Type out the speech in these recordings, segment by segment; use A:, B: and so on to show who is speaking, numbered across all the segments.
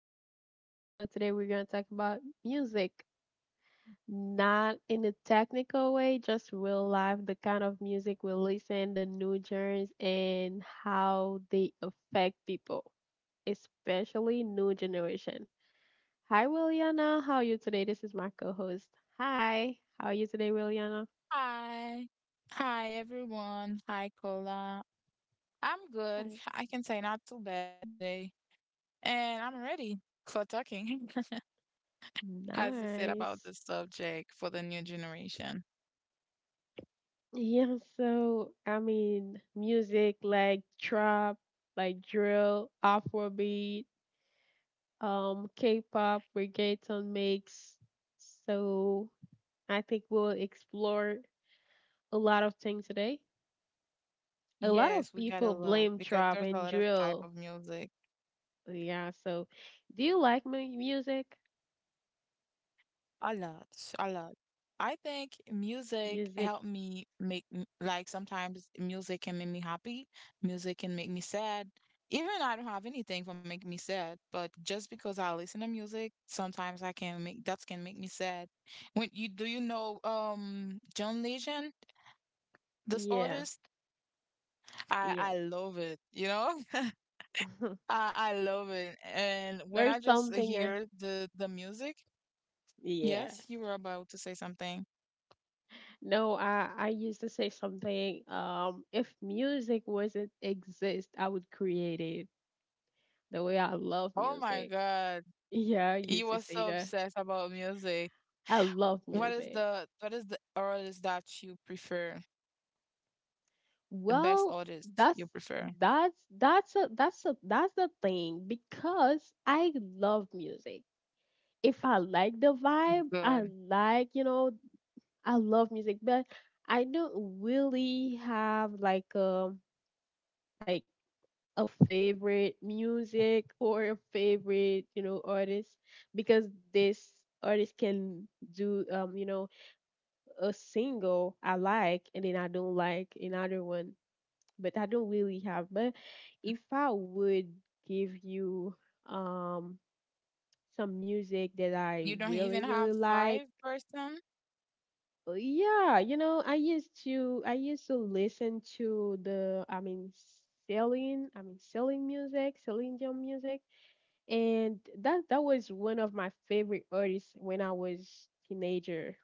A: Connection. So today we're going to talk about music, not in a technical way, just real life, the kind of music we listen, the new genres, and how they affect people, especially new generation. Hi Williana, how are you today? This is my co-host. Hi, how are you today, Williana?
B: Hi. Hi, everyone. Hi, Cola. I'm good.
A: Hi.
B: I can say not too bad today. And I'm ready for talking, as you said, about
A: Nice.
B: the subject for the new generation.
A: Yeah, so I mean, music like trap, like drill, Afrobeat, K-pop, reggaeton mix. So I think we'll explore a lot of things today. A lot
B: Yes,
A: of
B: we got a
A: people
B: lot
A: blame
B: because
A: trap
B: there's a
A: and
B: lot of type
A: drill.
B: of music.
A: Yeah, so do you like music?
B: A lot, a lot. I think music
A: Music,
B: helped me like sometimes music can make me happy, music can make me sad. Even I don't have anything for making me sad, but just because I listen to music, sometimes I can make that can make me sad. When you Do you know John Legend, this
A: yeah,
B: artist? I
A: yes.
B: I love it. I love it. And
A: There's
B: when I just
A: something,
B: hear the music,
A: yes.
B: yes, you were about to say something.
A: No, I used to say something. If music wasn't exist, I would create it. The way I love
B: Oh my
A: music.
B: God.
A: Yeah, I used
B: You
A: to
B: were
A: say
B: so
A: that.
B: obsessed about music.
A: I love
B: What is
A: music.
B: the what is the artist that you prefer? The
A: Well,
B: best artist
A: that's
B: you prefer?
A: that's the thing because I love music. If I like the vibe, I
B: Good.
A: like, you know, I love music, but I don't really have like a favorite music or a favorite, you know, artist, because this artist can do, you know, a single I like and then I don't like another one, but I don't really have. But if I would give you um some music that I
B: You don't
A: really
B: even
A: really
B: have
A: like,
B: five person?
A: yeah, you know, I used to listen to the, I mean Celine music, Celine Dion music. And that was one of my favorite artists when I was teenager.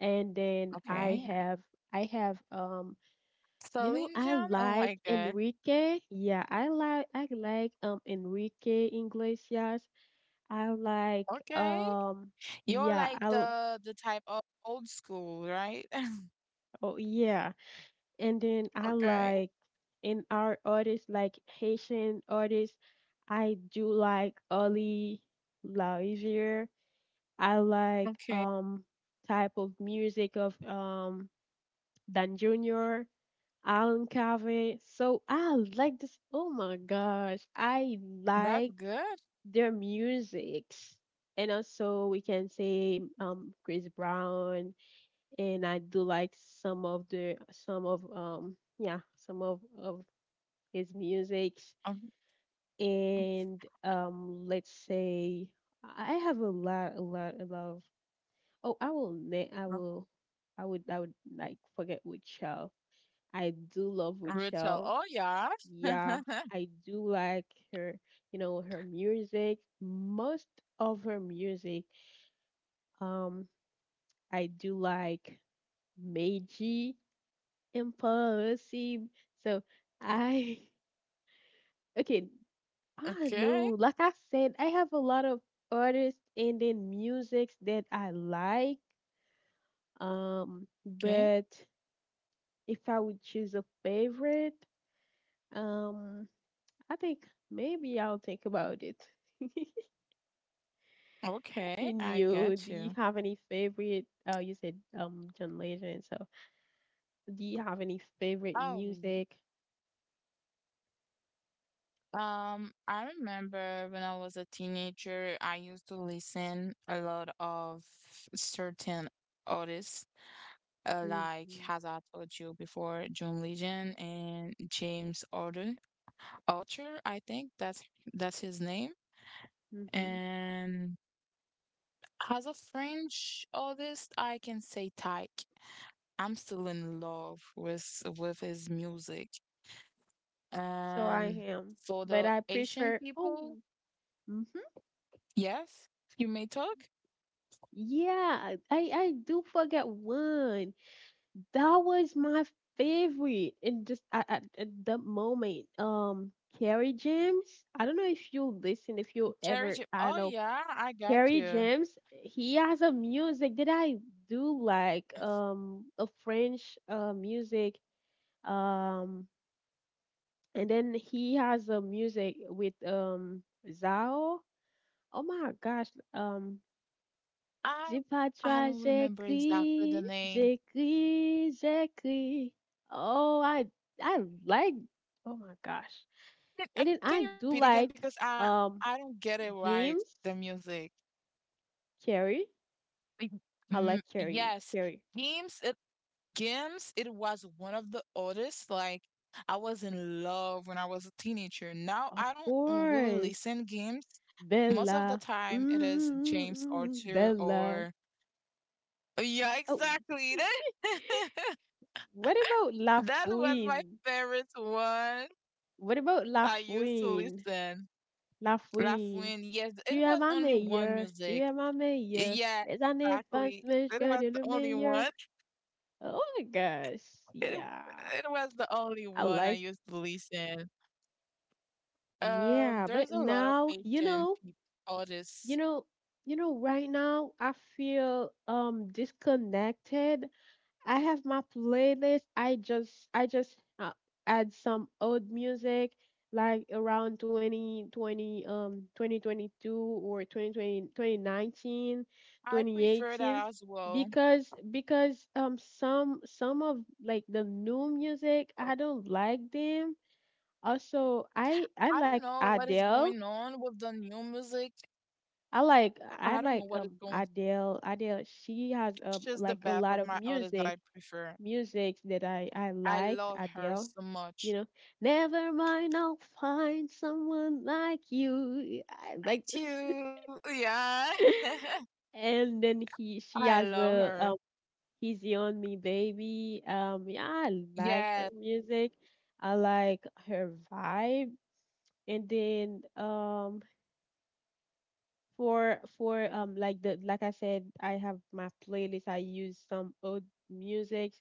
A: And then I
B: Okay.
A: have, I have you know,
B: Celine
A: I
B: Dion? Oh
A: like
B: my God.
A: Enrique. Yeah, I like Enrique Iglesias. I like
B: Okay.
A: um
B: You're
A: yeah,
B: like the type of old school, right?
A: oh yeah. And then I
B: Okay.
A: like in our artists like Haitian artists, I do like Oli Lazier. I like
B: Okay.
A: type of music of Dan Junior, Alan Cave. So I like this. Oh my gosh, I
B: That's
A: like
B: good.
A: their musics. And also we can say Chris Brown, and I do like some of the some of yeah some of his musics.
B: Um,
A: And let's say I have a lot of, oh, I will. I
B: uh,
A: will. I would. I would like forget Rachel. I do love
B: Rachel.
A: Rachel.
B: Oh yeah.
A: Yeah, I do like her. You know her music. Most of her music. Um, I do like Meiji Impulsive. So I okay. I don't
B: Okay.
A: know. Like I said, I have a lot of artists and then musics that I like.
B: Okay.
A: But if I would choose a favorite, um, I think maybe I'll think about it.
B: Okay. I
A: In
B: get
A: you,
B: you.
A: do you have any favorite? Oh, you said John Legend. So, do you have any favorite
B: Oh,
A: music?
B: I remember when I was a teenager, I used to listen a lot of certain artists, like
A: Mm-hmm.
B: as I told you before, John Legend and James Arthur. Arthur, I think that's his name.
A: Mm-hmm.
B: And as a French artist, I can say Tyke. I'm still in love with his music.
A: So I
B: And
A: am,
B: for
A: but
B: the
A: I
B: Asian
A: prefer. Oh,
B: people,
A: mm-hmm.
B: yes, you may talk.
A: Yeah, I do forget one. That was my favorite. And just at, at that moment, Kerry James. I don't know if you listen, if you
B: Cherry Jim.
A: ever,
B: Oh
A: I don't know.
B: yeah, I got
A: Kerry
B: you.
A: James, he has a music that I do like, a French music, um, and then he has a music with Zao. Oh my gosh, um, Dis
B: I
A: pas
B: I
A: toi,
B: don't remember exactly
A: j'écris,
B: the name.
A: j'écris, j'écris. Oh, I like, oh my gosh. And then
B: Can
A: I
B: you
A: do
B: repeat again
A: like
B: because I
A: um
B: I don't get it right
A: James
B: the music.
A: Carey.
B: Like,
A: I like Carey.
B: yes,
A: Carey.
B: Gims it Gims it was one of the oldest like I was in love when I was a teenager. Now
A: Of
B: I don't really
A: course.
B: listen Gims. Most of the
A: Bella.
B: time it
A: Mm,
B: is
A: mm,
B: James
A: mm,
B: Arthur
A: Bella.
B: or yeah,
A: Oh
B: exactly.
A: what about La
B: That was my
A: Fouine?
B: favorite one.
A: What about La
B: I used to
A: Fouine?
B: listen.
A: La Fouine.
B: Laughing, yes, it
A: Tu tu es es
B: was
A: ma ma
B: only one
A: meilleure, tu
B: music.
A: es ma meilleure.
B: Yeah,
A: Les années passent
B: exactly.
A: mais je
B: It
A: garde
B: was the
A: le
B: only
A: meilleur.
B: one.
A: Oh my gosh,
B: It,
A: yeah,
B: it was the only
A: I
B: one I
A: like,
B: used to listen.
A: yeah,
B: There's
A: but
B: a lot of
A: now, you
B: Asian
A: know, you
B: artists.
A: know, you know, right now I feel disconnected. I have my playlist. I just I just add some old music like around 2020, 2022, or 2020, 2019,
B: I prefer
A: 2018,
B: that as well.
A: because some of like the new music I don't like them. Also, I
B: I
A: like
B: don't know what is
A: Adele.
B: going on with the new music.
A: I like I
B: I don't know
A: like
B: what is
A: um
B: going.
A: Adele. Adele, she has
B: She's the
A: like a
B: best
A: lot
B: of
A: of
B: my artists that
A: music,
B: I prefer.
A: music that I
B: I
A: like,
B: love her so
A: Adele.
B: much.
A: You know, never mind, I'll find someone like you. I like
B: Thank
A: this.
B: you. Yeah.
A: And then he she
B: I
A: has
B: love
A: a,
B: her.
A: Easy on Me Baby. Yeah, I like her
B: Yes.
A: music. I like her vibe. And then for like, the like I said, I have my playlist. I use some old music,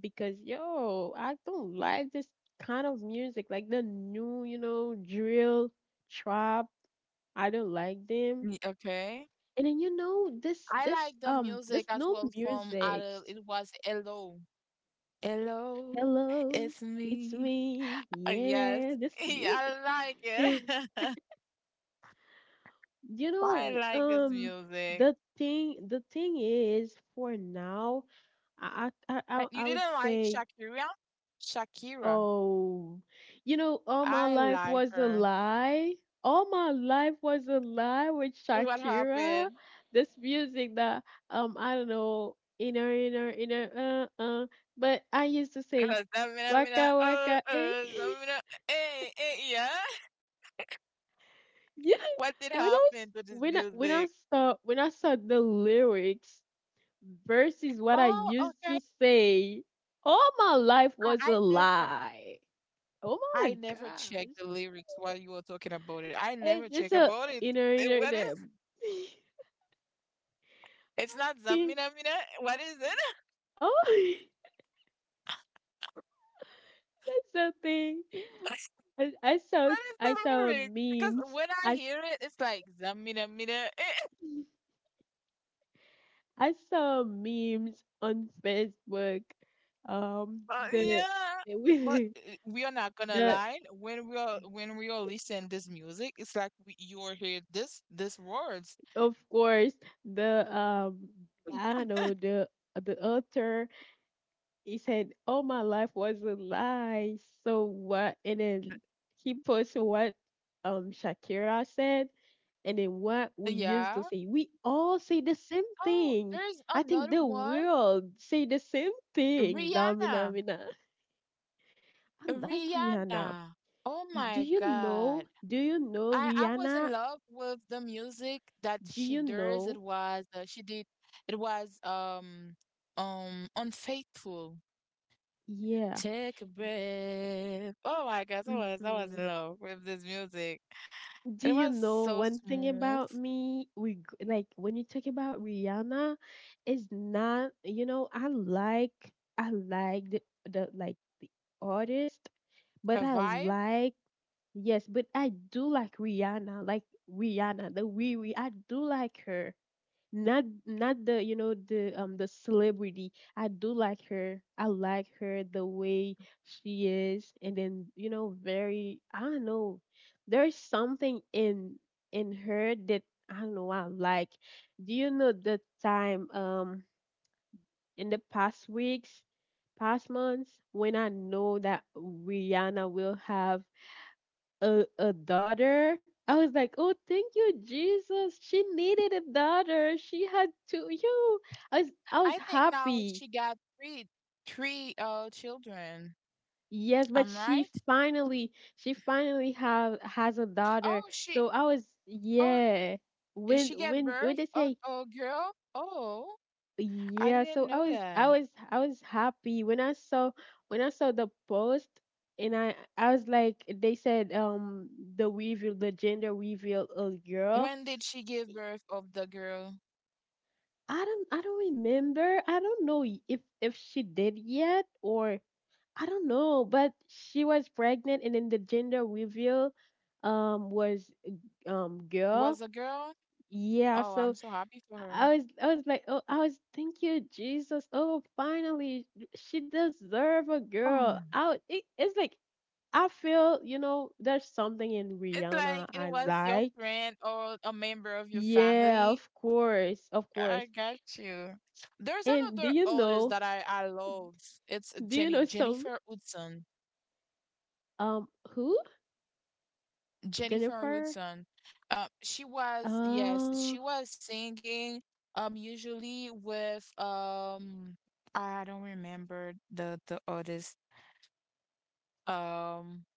A: because yo, I don't like this kind of music, like the new, you know, drill, trap. I don't like them.
B: Okay.
A: And then you know this
B: I
A: this
B: like the
A: um
B: music
A: this
B: as
A: new
B: well from
A: music.
B: Adele. It was Hello. Hello,
A: Hello,
B: it's
A: it's
B: me.
A: me.
B: Yes.
A: Yeah, this music.
B: I like it.
A: You
B: I
A: know,
B: like this music.
A: the thing is for now, I I I,
B: And
A: I
B: you
A: I would
B: didn't like
A: say,
B: Shakira? Shakira.
A: oh, you know, all my
B: I
A: life
B: like
A: was a
B: her.
A: lie. All my life was a lie with
B: What
A: Shakira.
B: happened?
A: This music that I don't know, inner inner inner uh uh, but I used to say
B: Zamina, mina,
A: waka waka eh.
B: zamina, eh, eh, yeah.
A: Yeah,
B: What did
A: when I s-
B: happen to this music?
A: when I saw the lyrics versus what I
B: Oh,
A: used
B: okay.
A: to say, all my life
B: I,
A: was
B: I
A: a
B: never
A: lie. Oh my
B: I never
A: gosh.
B: checked the lyrics while you were talking about it. I
A: It's
B: never
A: it's
B: check
A: a
B: about it.
A: inner
B: Eh,
A: inner
B: What is
A: them.
B: it's not
A: Okay.
B: Zamina Mina? What is it?
A: Oh, that's something. I, I saw
B: What is
A: I
B: the
A: saw
B: lyric? Because
A: memes.
B: when I hear it, it's like Zamina Mina. eh,
A: I saw memes on Facebook. Um, the
B: yeah. But
A: with
B: eh, we are not gonna
A: the,
B: lie. When we are listening this music, it's like you are hear this words.
A: of course, the I don't know, the author. He said, "Oh, my life was a lie." So what? And then he posted what Shakira said, and then what we used
B: Yeah.
A: to say. We all say the same
B: Oh,
A: thing.
B: there's
A: I think
B: another
A: the
B: one.
A: world say the same things. Amina,
B: Rihanna.
A: Amina. I like Rihanna.
B: Rihanna. Oh
A: Do
B: my
A: you know?
B: God.
A: Do you know
B: I was
A: Rihanna?
B: in love with the music that
A: Do
B: she
A: you
B: does. It
A: know?
B: was she did it was unfaithful.
A: Yeah.
B: Take a breath. Oh my gosh, I was
A: Hmm.
B: in love with this music.
A: Do
B: It
A: you
B: was
A: know
B: so
A: one thing
B: smooth.
A: about me? Like when you talk about Rihanna, it's not, you know, I like I like the artist, but
B: Her
A: I
B: vibe.
A: like, yes, but I do like Rihanna, the wee wee. I do like her, not not the, you know, the celebrity. I do like her. I like her the way she is. And then, you know, very, I don't know, there's something in her that I don't know, I like. Do you know the time, in the past weeks, past months, when I know that Rihanna will have a daughter. I was like, oh, thank you, Jesus. She needed a daughter. She had two. You, I was
B: I think now
A: happy.
B: she got three children.
A: Yes, but
B: I'm right?
A: she finally have has a daughter.
B: Oh she
A: So I was,
B: oh
A: yeah. When
B: she gave
A: when when
B: birth.
A: they
B: Oh
A: say,
B: oh girl. Oh. I
A: yeah, so
B: didn't
A: I
B: know
A: was, I
B: that.
A: was, I was happy when I saw, when I saw the post. And I was like, they said, the reveal, the gender reveal a
B: When
A: girl.
B: did she give birth of the girl?
A: I don't remember. I don't know if she did yet, or I don't know, but she was pregnant and then the gender reveal was
B: Was
A: girl.
B: a girl?
A: Yeah,
B: Oh, I'm
A: so
B: so happy for her.
A: I was, I was like, "Oh, I was thank you Jesus. Oh, finally she deserve a girl."
B: Oh.
A: I it, it's like I feel, you know, there's something in
B: It's like
A: Rihanna
B: it
A: I
B: was your
A: like.
B: friend or a member of your
A: Yeah,
B: family.
A: of course, of course.
B: I got you. There's
A: And do
B: another
A: you
B: artist
A: know,
B: that I love. It's
A: do you
B: Jenny
A: know some,
B: Jennifer Hudson.
A: Who?
B: Jennifer
A: Jennifer?
B: Hudson. She was, yes,
A: Oh,
B: she was singing usually with I don't remember the artist. Um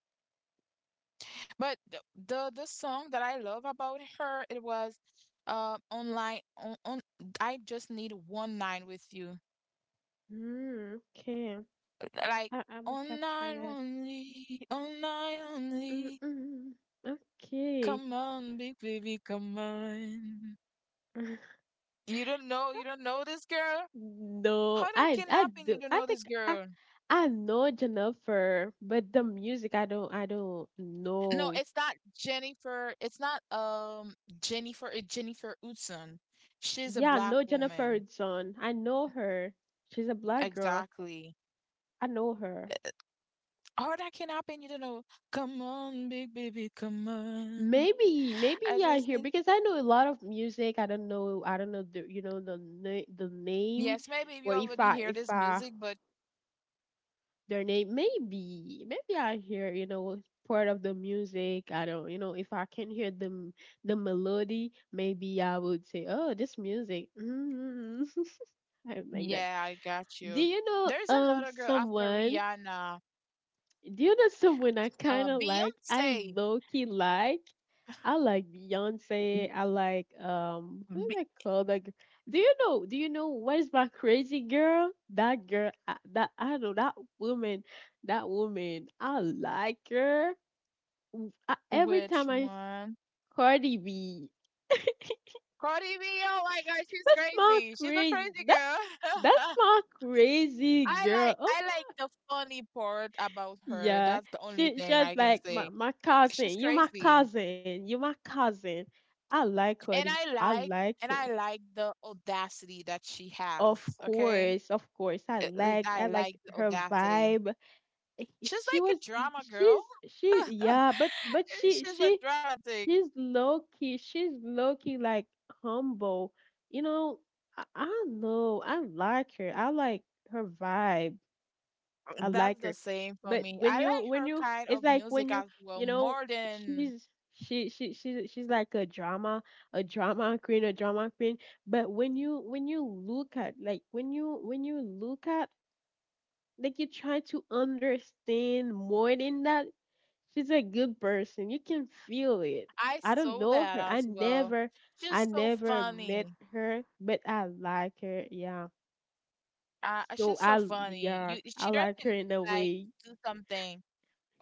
B: But the song that I love about her it was online on I just need one night with you.
A: mm, okay.
B: Like
A: I- I'm gonna
B: on
A: capture
B: night
A: that.
B: only, on night only.
A: Mm-mm. Okay.
B: Come on, big baby, come on. You don't know this girl?
A: No,
B: How that can
A: I
B: happen? You
A: do.
B: don't
A: I
B: know
A: think
B: this
A: I
B: girl.
A: I know Jennifer, but the music I don't
B: No,
A: know.
B: it's not Jennifer. It's not Jennifer. It's Jennifer Hudson. She's a
A: Yeah, I
B: black
A: know Jennifer
B: woman.
A: Hudson. I know her. She's a black girl.
B: Exactly.
A: I know her.
B: Hard that can happen, you don't know. Come on, big baby, come on.
A: Maybe, maybe
B: I
A: yeah,
B: just
A: here,
B: need.
A: because I know a lot of music. I don't know the, you know, the name,
B: Yes, maybe
A: or
B: you
A: if
B: already
A: I
B: hear
A: if
B: this
A: I
B: music, but
A: their name. Maybe, maybe I hear, you know, part of the music. I don't, you know, if I can hear the melody, maybe I would say, oh, this music. Mm. I like that.
B: yeah, I got
A: Do
B: you.
A: you know
B: There's another girl after
A: someone?
B: Rihanna,
A: Do you know someone I kind of like? I
B: Beyonce.
A: low key like. I like Beyonce.
B: W-
A: I like What
B: B-
A: is, do I that? Girl? Do you know? Do you know what is my crazy girl? That girl. I, that I don't know. That woman. That woman. I like her. I, every
B: which
A: time
B: one?
A: Cardi B.
B: Cardi B. Oh my God, she's
A: That's my
B: crazy. She's a
A: crazy.
B: crazy
A: That
B: girl.
A: that's my crazy
B: I
A: girl.
B: like
A: Oh,
B: I like the funny part about her.
A: yeah,
B: That's the only
A: she
B: thing I
A: just
B: can
A: like my,
B: say.
A: my
B: She's
A: cousin. You my
B: crazy.
A: cousin. You my cousin. I like
B: and
A: Cody.
B: I
A: I
B: like
A: like
B: and
A: her.
B: I like the audacity that she
A: Of
B: has. Okay,
A: course, of course. I like
B: I
A: I like
B: like the
A: her
B: audacity.
A: vibe. Eh,
B: She's
A: she
B: like
A: was,
B: a drama
A: she's
B: girl.
A: she yeah, but but she
B: She's a
A: she
B: dramatic.
A: she's low key. She's low key like humble. You know, I don't know. I like her. I like her vibe. I
B: That's
A: like
B: the
A: her.
B: same for
A: But
B: me. I
A: when you,
B: like
A: when
B: her
A: you
B: kind
A: it's
B: of
A: like when
B: music
A: you
B: as
A: you
B: well,
A: know,
B: more than
A: she's, she's like a drama, a drama queen, a drama queen. But when you, when you look at, like when you, when you look at, like, you try to understand more than that. She's a good person. You can feel it.
B: I
A: I don't
B: saw
A: know
B: that
A: her. I
B: as well.
A: never I
B: She's so
A: never met
B: funny.
A: her, but I like her. Yeah. So
B: She's so
A: I
B: funny.
A: yeah, I
B: She
A: like her
B: doesn't
A: in a
B: like
A: way.
B: do something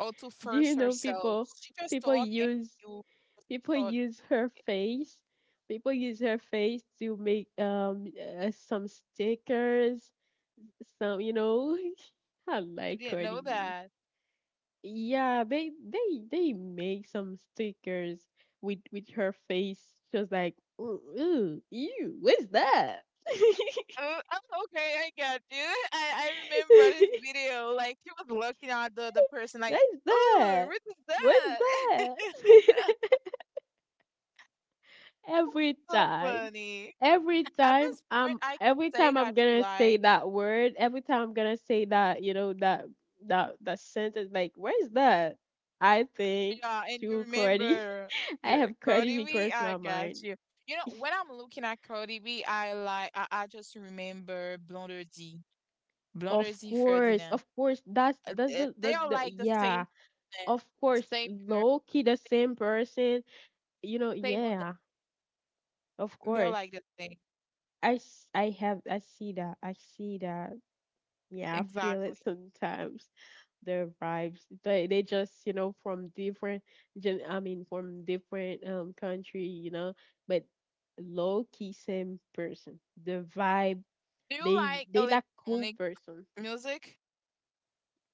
B: or to
A: Do you
B: force
A: know
B: herself.
A: people
B: She just
A: people
B: talk and
A: use
B: you.
A: people use her face? People use her face to make some stickers, some I
B: I
A: like
B: didn't
A: Cardi
B: know
A: B.
B: that.
A: Yeah, they make some stickers with her face, just like ooh, ooh ew, what's that?
B: Oh, oh, okay, I got you. I remember this video. Like she was looking at the person like,
A: What's
B: ooh,
A: that?
B: what is
A: What's
B: that?
A: that? Every
B: So
A: time.
B: funny.
A: every
B: At
A: time
B: this point,
A: I'm
B: I can
A: every
B: say
A: time I'm
B: that you
A: gonna say
B: like,
A: that word, every time I'm gonna say that, you know, that that sentence, like, where's that? I think
B: yeah, and you
A: to Cody.
B: remember
A: I
B: the
A: have Cody
B: Cody B.
A: because
B: I
A: my mind.
B: got you. You know, when I'm looking at Cody B, I like, I just remember Blonder D Ferdinand.
A: Of course, that's that's the,
B: They
A: the
B: are
A: the
B: like the same,
A: yeah.
B: person,
A: Of course,
B: same energy,
A: low key the same person. You know,
B: same with that.
A: yeah, of
B: They're
A: course.
B: like the same.
A: I have I see that. Yeah, I feel
B: Exactly.
A: it sometimes. The vibes. They just, you know, from different gen I mean from different country, you know, but low key same person. The vibe,
B: Do you
A: they
B: like
A: they like cool
B: electronic
A: person.
B: music?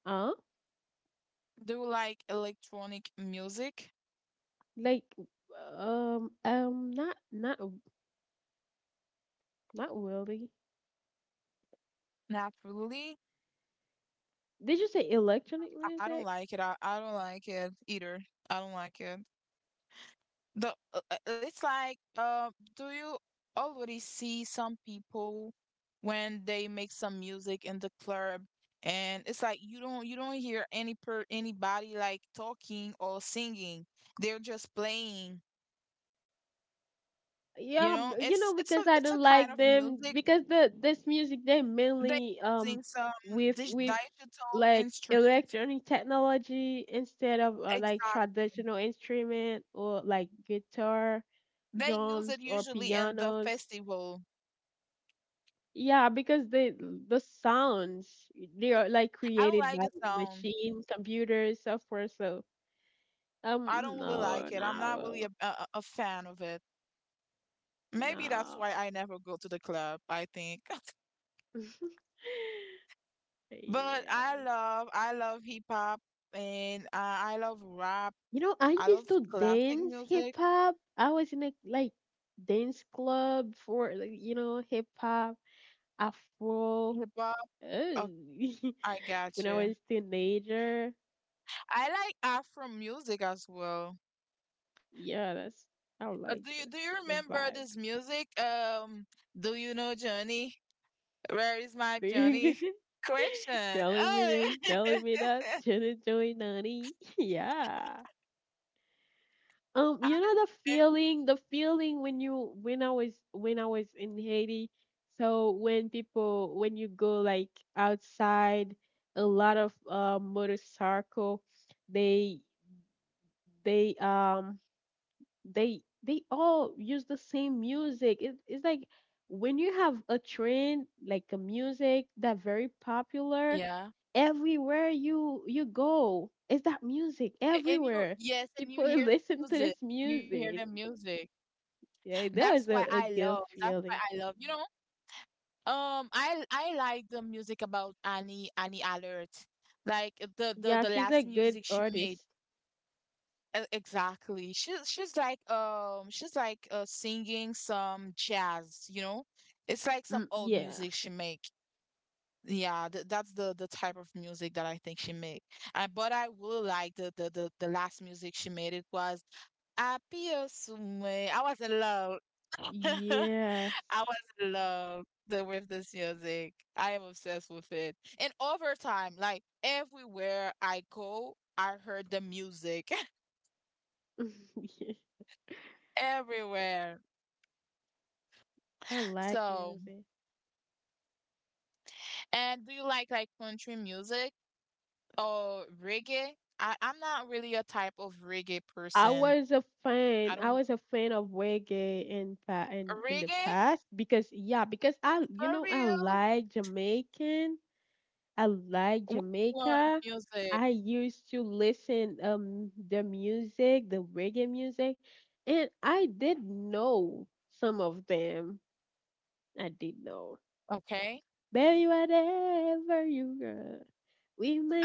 A: Huh?
B: Do you like electronic music?
A: Like um um not not not really.
B: Not really.
A: Did you say electronic
B: I don't
A: music?
B: like it. I don't like it either. I don't like it. The It's like, do you already see some people when they make some music in the club and it's like you don't hear any per anybody like talking or singing. They're just playing.
A: Yeah, you
B: It's
A: know,
B: it's a
A: because I
B: it's a
A: don't
B: kind
A: like
B: of
A: them
B: music
A: because the this music they
B: they
A: mainly
B: using some
A: with
B: digital
A: like
B: instrument.
A: electronic technology instead of like
B: Exactly.
A: traditional instrument or like guitar,
B: They use it
A: drums or
B: usually in the
A: pianos.
B: festival.
A: Yeah, because the sounds they are like
B: I don't
A: created
B: like
A: by
B: the sound.
A: machine, computers, software. So
B: I
A: um,
B: don't really
A: no,
B: like it. I'm not really
A: no,
B: a fan of it. Maybe that's
A: no.
B: why I never go to the club, I think. But I
A: Yeah.
B: love I love hip hop and I love rap.
A: You know, I
B: I love
A: used to
B: classic
A: dance
B: music,
A: hip hop. I was in a like dance club for like, you know hip hop, afro.
B: hip hop.
A: Oh.
B: Oh, I
A: When
B: got
A: I
B: you.
A: was teenager,
B: I like Afro music as well.
A: yeah, that's I
B: Uh, do
A: like
B: you
A: the
B: do you
A: the
B: remember
A: vibe.
B: this music? Do you know Johnny? Where is my
A: Big.
B: Johnny? Question.
A: Telling me
B: Oh,
A: this, telling me that, should join, Nani? Yeah.
B: I
A: You know the
B: remember.
A: feeling, when I was in Haiti. So when people when you go like outside, a lot of motorcycle, they they um they all use the same music. It's like when you have a trend like a music that very popular,
B: Yeah,
A: everywhere you go, it's that music
B: and you
A: everywhere.
B: yes, and you
A: People
B: hear the
A: listen to
B: music,
A: this
B: and you hear the
A: music.
B: music.
A: Yeah, that
B: That's
A: was
B: why I
A: a
B: love.
A: good
B: That's why
A: feeling.
B: I love. You know, I like the music about Annie Alert, like the the
A: Yeah,
B: the
A: she's a
B: last
A: good
B: music she made.
A: artist.
B: Exactly. She's like singing some jazz, you know? It's like
A: Mm.
B: some old
A: Yeah.
B: music she make. Yeah, th that's the type of music that I think she make. But I will like the last music she made. It was Apio Sume. I was in love.
A: Yes.
B: I was in love with this music. I am obsessed with it. And over time, like everywhere I go, I heard the music.
A: Yeah,
B: Everywhere.
A: I like
B: So,
A: music.
B: and do you like country music or reggae? I'm not really a type of reggae
A: I
B: person.
A: was a
B: I
A: fan. I
B: don't
A: was a fan of reggae in the
B: reggae
A: past because yeah, because I
B: for
A: you know I
B: real.
A: like Jamaican. I like
B: Which one of
A: Jamaica.
B: music?
A: I used to listen the music, the reggae music, and I did know some of them. I did know.
B: Okay.
A: Baby, whatever you got,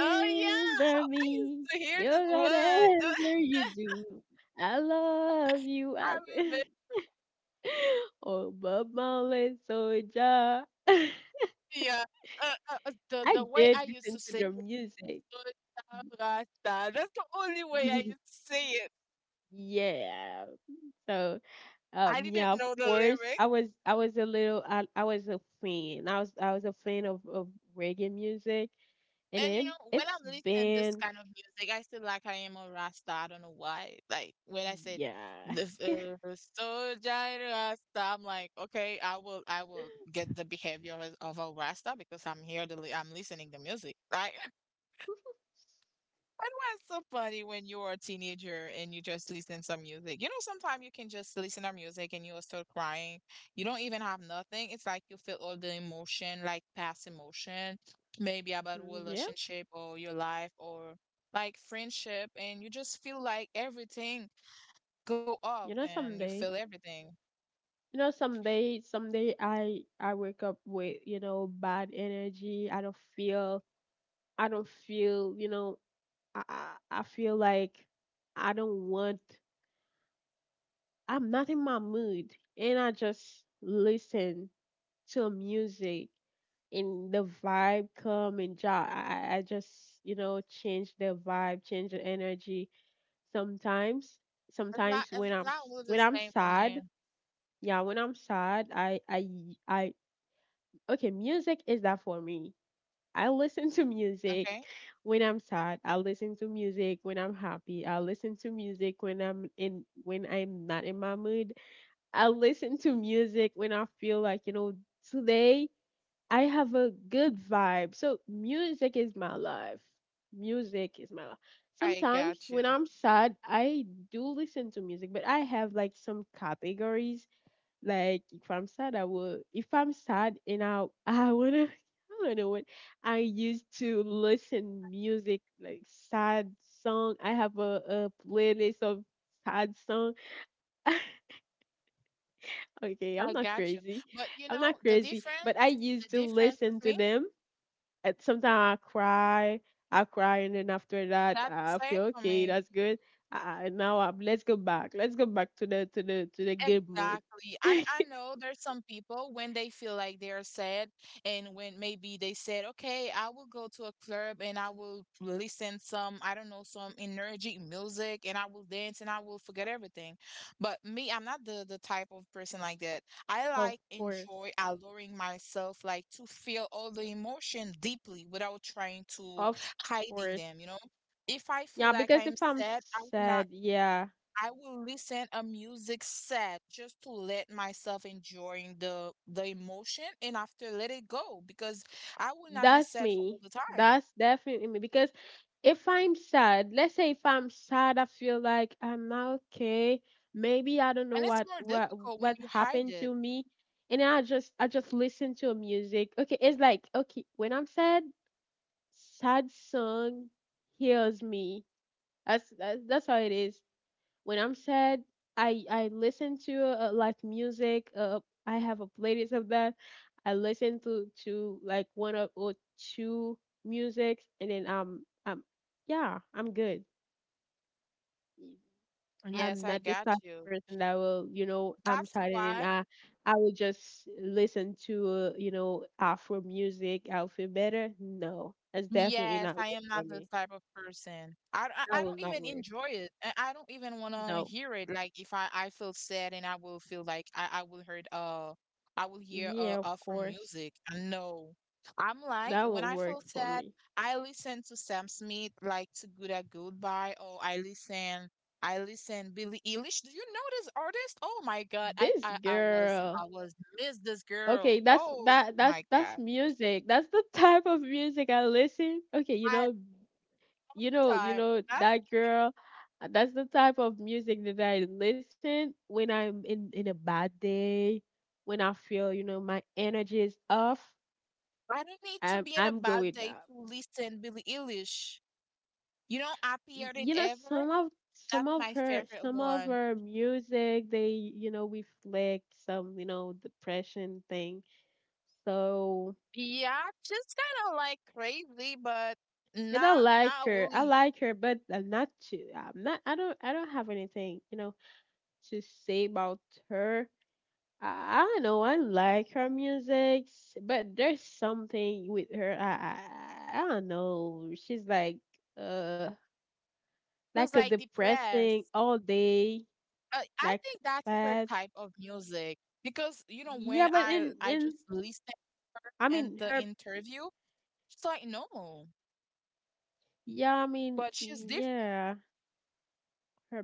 B: Oh yeah, I, I used
A: me.
B: to hear
A: You
B: this one.
A: whatever you do, I love you.
B: I
A: I
B: remember
A: oh, Bob Marley soldier. I
B: yeah. The way
A: did
B: I used
A: listen
B: to
A: to
B: sing
A: the
B: it,
A: music.
B: "Good Time Rasta," that's the only way I used to say it.
A: Yeah. So,
B: I
A: yeah,
B: didn't
A: of
B: know the
A: course,
B: lyrics.
A: I was a little, I was a fan. I was a fan of reggae music, and
B: And you know, when I
A: it's
B: am listening this
A: been,
B: kind of music, I feel like I am a Rasta. I don't know why. Like when I said
A: yeah.
B: the first soldier Rasta, I'm like, okay, I will get the behavior of a Rasta because I'm here I'm listening to music, right? It was so funny when you were a teenager and you just listen some music. You know, sometimes you can just listen to music and you're still crying. You don't even have nothing. It's like you feel all the emotion, like past emotion, maybe about a
A: Yeah.
B: relationship or your life or like friendship, and you just feel like everything go up
A: You know,
B: and you feel
A: someday,
B: everything.
A: you know, someday, someday I wake up with, you know, bad energy. I don't feel, you know, I feel like I don't want, I'm not in my mood. And I just listen to music and the vibe come and ja I just, you know, change the vibe, change the energy. Sometimes,
B: It's
A: sometimes
B: not it's not all the
A: when I'm
B: same for me.
A: sad, yeah, when I'm sad, I okay, music is that for me. I listen to music
B: Okay.
A: when I'm sad. I listen to music when I'm happy. I listen to music when I'm not in my mood. I listen to music when I feel like, you know, today I have a good vibe. So music is my life. Music is my life.
B: I got
A: Sometimes
B: you.
A: when I'm sad, I do listen to music, but I have like some categories like if I'm sad, I will. If I'm sad and I wanna I don't know what I used to listen music like sad song. I have a playlist of sad song.
B: I
A: Okay, I'm
B: got you.
A: not
B: But
A: crazy.
B: you know,
A: I'm
B: the
A: not crazy,
B: difference
A: but I
B: the
A: used to
B: difference with me,
A: listen to them. And sometimes I cry, and then after
B: that's
A: that,
B: the
A: I
B: same
A: feel
B: for me.
A: okay. That's good. Now I let's go back. Let's go back to the to the to the good mood.
B: Exactly. I know there's some people when they feel like they're sad and when maybe they said, okay, I will go to a club and I will listen some, I don't know, some energy music and I will dance and I will forget everything. But me, I'm not the type of person like that. I
A: Of
B: like
A: course.
B: enjoy allowing myself like to feel all the emotion deeply without trying to
A: Of
B: hiding
A: course.
B: them, you know? If I feel
A: Yeah,
B: like I
A: because
B: am
A: if I'm
B: sad, I will not
A: sad, yeah,
B: I will listen a music set just to let myself enjoying the emotion and after let it go because I will not be
A: that's
B: sad for all
A: me.
B: the time.
A: That's definitely me. Because if I'm sad, let's say if I'm sad, I feel like I'm not okay. Maybe I don't know
B: And it's more difficult when
A: what
B: you hide
A: happened
B: it.
A: to me, and I just listen to music. Okay, it's like okay when I'm sad, sad song heals me. That's how it is. When I'm sad, I listen to like music. I have a playlist of that. I listen to like one of or two musics, and then yeah, I'm good.
B: Yes,
A: I'm
B: I
A: not
B: got
A: this type
B: you.
A: of person that will you know I'm
B: That's
A: sad
B: why
A: and then I will just listen to you know Afro music. I'll feel better. No, that's definitely
B: yes,
A: not
B: I
A: work
B: am not
A: for
B: the
A: me.
B: type of person. I I d-
A: That
B: I- I
A: will
B: don't
A: not
B: even
A: work.
B: enjoy it. And I don't even want to
A: No.
B: hear it. Like if I feel sad and I will feel like I will hear
A: Yeah, of
B: Afro
A: course.
B: music. No. I'm like
A: That
B: when
A: won't
B: I feel
A: work for
B: sad,
A: me.
B: I listen to Sam Smith like to Good at Goodbye or I listen Billie Eilish. Do you know this artist? Oh my God. I
A: This
B: I, I was
A: girl.
B: I was miss this girl.
A: Okay,
B: Oh my
A: that's
B: God.
A: music. That's the type of music I listen. Okay, you
B: I
A: know, you
B: time.
A: know
B: That
A: that girl. That's the type of music that I listen when I'm in a bad day, when I feel, you know, my energy is off.
B: I don't need to be in a
A: I'm
B: bad
A: going
B: day
A: down.
B: to listen Billie Eilish. You know,
A: Y-
B: happier than
A: You know,
B: ever. That's my favorite
A: some of
B: one.
A: her music, they, you know, reflect some, you know, depression thing. So
B: Yeah, just kind of like crazy, but
A: and I like
B: not
A: her. I
B: really.
A: like her, but I'm not too. I'm not. I don't. I don't have anything, you know, to say about her. I don't know. I like her music, s- but there's something with her. I. I don't know. She's uh, like
B: Feels
A: a
B: like
A: depressing
B: depressed.
A: all day,
B: I
A: like
B: think that's her
A: bad.
B: type of music because you know
A: Yeah,
B: when
A: but
B: I
A: in.
B: just listen her
A: I
B: and
A: mean
B: the
A: her.
B: interview, she's like no,
A: Yeah, I mean
B: but she's different.
A: yeah. Her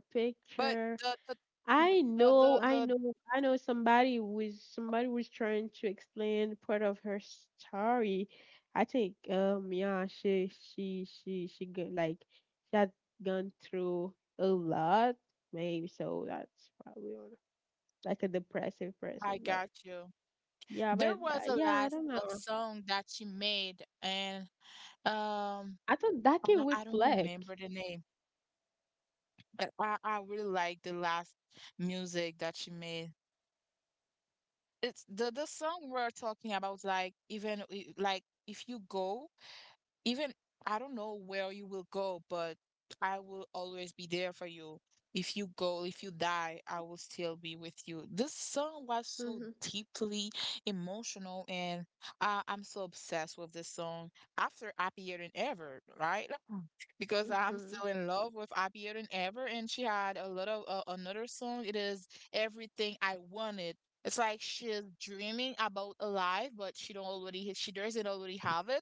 B: But
A: picture
B: the the
A: I
B: the
A: know,
B: the,
A: I
B: the
A: know, I know somebody was trying to explain part of her story. I think yeah, she go, like she had gone through a lot, maybe so that's probably one- like a depressive person,
B: I got you.
A: but
B: There was a
A: yeah, I
B: last
A: don't
B: a
A: know.
B: song that she made, and um,
A: I thought that can
B: I don't
A: reflect.
B: remember the name, but I really like the last music that she made. It's the song we're talking about, like even I- like if you go even I don't know where you will go, but I will always be there for you. If you go, if you die, I will still be with you. This song was so
A: Mhm.
B: deeply emotional, and I'm so obsessed with this song. After Happier Than Ever, right? Because I'm
A: Mhm.
B: still in love with Happier Than Ever, and she had a lot of another song. It is Everything I Wanted. It's like she's dreaming about a life, but she doesn't already have it,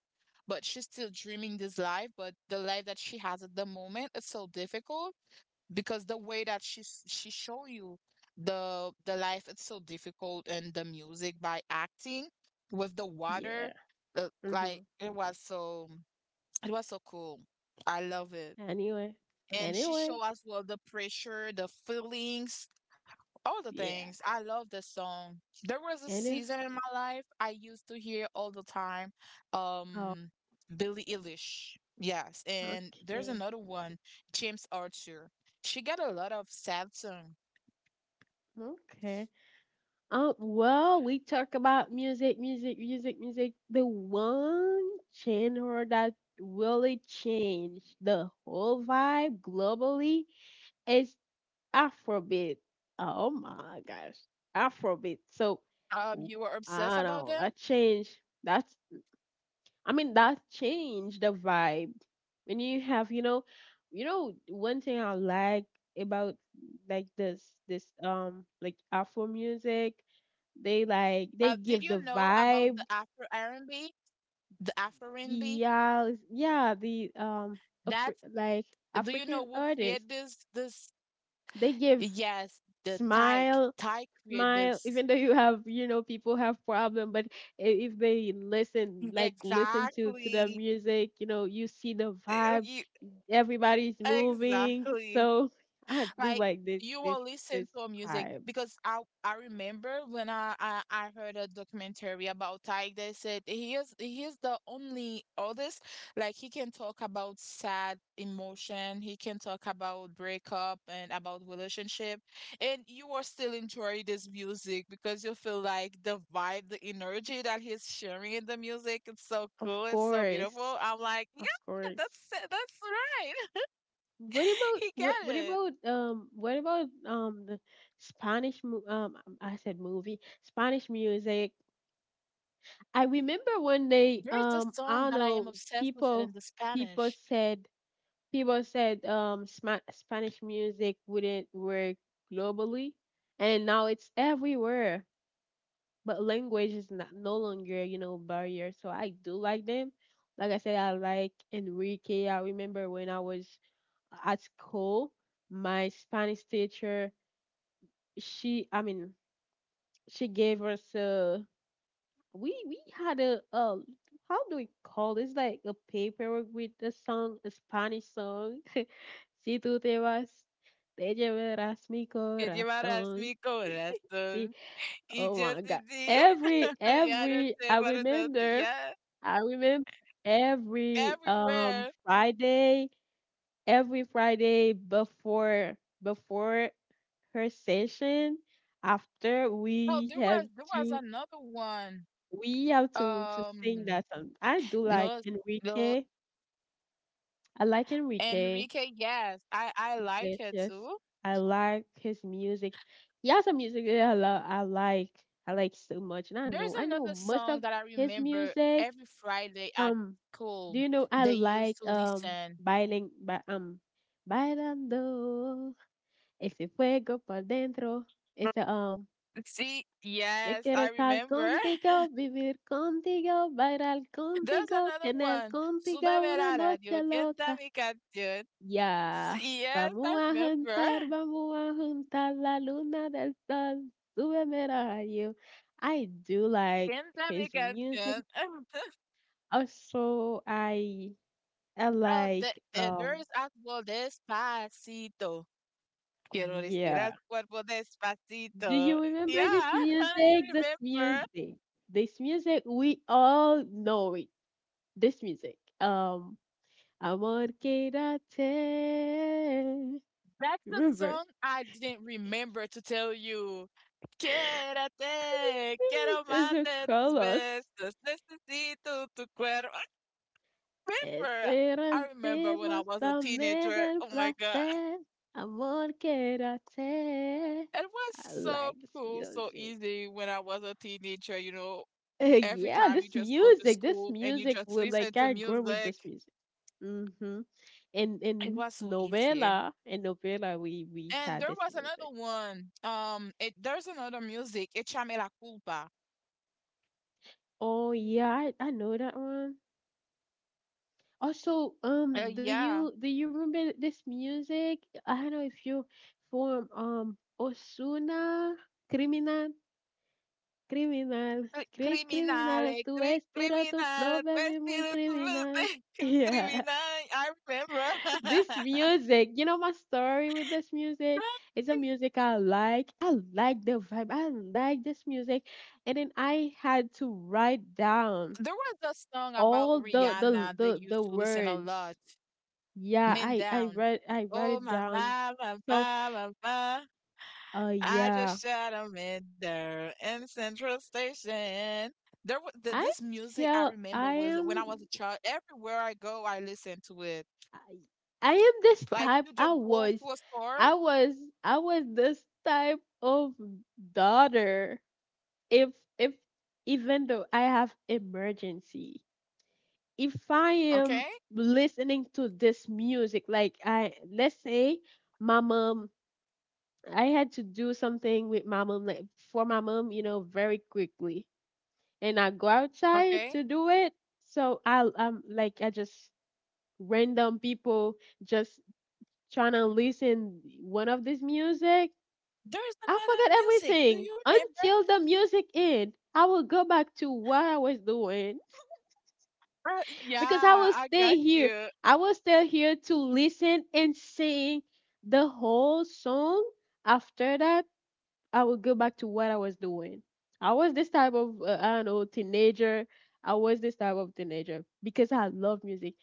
B: but she's still dreaming this life, but the life that she has at the moment is so difficult because the way that she show you the life, it's so difficult, and the music by acting with the water,
A: Yeah.
B: like
A: Mhm.
B: it was so cool. I love it.
A: Anyway.
B: And she
A: Anyway.
B: show as well the pressure, the feelings, all the
A: Yeah.
B: things. I love this song. There was a
A: Anyway.
B: season in my life I used to hear all the time.
A: Oh,
B: Um, Billie Eilish. Yes, and there's
A: okay.
B: another one, James Arthur. She got a lot of sad songs.
A: Okay. Well, we talk about music, music, music, music. The one genre that really changed the whole vibe globally is Afrobeat. Oh my gosh, Afrobeat. So
B: You were
A: w-
B: obsessed
A: I
B: about
A: don't
B: them.
A: know, that changed. That's I mean that changed the vibe. When you have, you know, one thing I like about like this like Afro music, they like they
B: Did
A: give
B: you
A: the
B: know about
A: vibe.
B: the Afro R&B, the Afro R&B?
A: Yeah, yeah, the Afri-
B: That's
A: like
B: do you know
A: African
B: who
A: artists,
B: created this? This
A: they give
B: yes, the Tyke.
A: smile,
B: Tyke created
A: smile.
B: this.
A: Even though you have, you know, people have problem, but I- if they listen, like listen to the
B: Exactly.
A: music, you know, you see the vibe everybody's moving.
B: Exactly.
A: So I do
B: Like
A: like
B: you will listen
A: this
B: to a music
A: vibe.
B: because I remember when I heard a documentary about Tyg. They said he is the only artist like he can talk about sad emotion, he can talk about breakup and about relationship, and you are still enjoy this music because you feel like the vibe, the energy that he's sharing in the music, it's so
A: Of
B: cool, it's so
A: course.
B: beautiful. I'm like,
A: Of
B: yeah,
A: course.
B: that's it, that's right. He got it.
A: What about the Spanish mo- I said movie Spanish music. I remember one day
B: There is a song
A: I don't
B: that I am
A: know
B: obsessed with it in
A: people
B: the
A: people
B: Spanish.
A: said people said Sma- Spanish music wouldn't work globally and now it's everywhere. But language is not no longer you know barrier, so I do like them. Like I said, I like Enrique. I remember when I was at school, my Spanish teacher, she I mean she gave us a we had a how do we call this like a paper with a song, a Spanish song. Si tú te vas, te llevarás mi
B: Que llevarás
A: corazón.
B: mi
A: Si.
B: corazón y
A: Oh
B: yo
A: my god.
B: sin ti ya no
A: Every
B: sé
A: I
B: para dónde.
A: remember,
B: Yeah,
A: I remember every
B: everywhere.
A: Friday, every Friday before her session, after
B: Oh, there was
A: to
B: another one.
A: we have to sing
B: Um,
A: that song. I do like
B: no, no,
A: Enrique. I like Enrique.
B: Enrique. Yes, I like it
A: Iglesias.
B: too.
A: I like his music. He has some music that I love. I like. I like so much, and I
B: There's
A: know. I
B: another
A: know
B: song
A: most
B: that
A: of
B: I
A: his
B: remember
A: music.
B: every Friday at
A: Um,
B: school
A: do you know?
B: they
A: I
B: used
A: like
B: to listen.
A: bailing, ba- um, bailando. Ese fuego por dentro. It's a.
B: See,
A: Yo
B: yes, I
A: quiero estar
B: remember.
A: contigo, vivir contigo, bailar
B: There's
A: contigo,
B: another
A: tener
B: one.
A: contigo
B: Súbeme
A: una
B: la radio,
A: noche
B: canta
A: loca.
B: mi canción.
A: Ya,
B: Sí, yes, I remember.
A: vamos a juntar la luna del sol, súbeme el radio. I do like
B: Canta mi
A: his music.
B: canción.
A: Also, I
B: Oh,
A: like
B: there is as well Despacito. Quiero respirar
A: yeah.
B: tu cuerpo
A: Do you
B: despacito.
A: remember this
B: Yeah, I
A: music? This
B: remember.
A: music. This music we all know it. This music. Amor Quédate.
B: That's the
A: Remember?
B: song I didn't remember to tell you. Quédate, quiero
A: It's
B: más
A: a
B: de tus
A: colors.
B: besos, necesito tu cuerpo. I remember. I remember when I
A: Esperanzamos
B: was a
A: también
B: teenager.
A: del
B: Oh my God.
A: placer, amor quédate.
B: It was
A: I like
B: so
A: this
B: cool, so
A: music.
B: easy when I was a teenager. You know, every
A: Yeah,
B: time you just go to
A: this
B: school and you
A: music
B: just
A: will
B: listen
A: like
B: to
A: I grew with
B: music,
A: this music. Mm-hmm.
B: it was so easy.
A: In novela, we
B: And
A: had
B: there
A: this
B: was another
A: music.
B: one. It There's another music. Échame la culpa.
A: Oh yeah, I know that one. Also,
B: Uh,
A: do
B: yeah,
A: you remember this music? I don't know if you from Osuna. Criminal. criminal,
B: Uy,
A: cri
B: criminale,
A: criminal, tu estilo, tu flow,
B: criminale,
A: baby, muy
B: vestido tu
A: criminal. Yeah,
B: criminale. I remember.
A: this music, you know my story with this music. It's a music I like. I like the vibe. I like this music, and then I had to write down
B: There was a song about
A: all the the
B: Rihanna they
A: the,
B: used
A: the
B: to listen a lot.
A: words. Yeah,
B: Men
A: I I
B: down.
A: write I write
B: Oh
A: it
B: my
A: down.
B: my my
A: So,
B: my my my. I
A: yeah,
B: just shot a man down in Central Station. There was th this
A: I
B: music I
A: tell
B: remember
A: I
B: was when I was a
A: am
B: child. Everywhere I go, I listen to it.
A: I am this
B: Like you
A: type.
B: just go to a store,
A: I was, I was this type of daughter. If if even though I have emergency, if I am
B: okay,
A: listening to this music, like I let's say my mom, I had to do something with my mom, like for my mom, you know, very quickly, and I go outside
B: okay,
A: to do it. So I'm like I just random people just trying to listen one of this music,
B: there's
A: I
B: another
A: forget
B: music. Do
A: everything
B: you remember?
A: until the music end. I will go back to what I was doing because I
B: Yeah,
A: will
B: I
A: stay
B: got
A: here.
B: you.
A: I will stay here to listen and sing the whole song. After that, I will go back to what I was doing. I was this type of I don't know teenager. I was this type of teenager because I love music.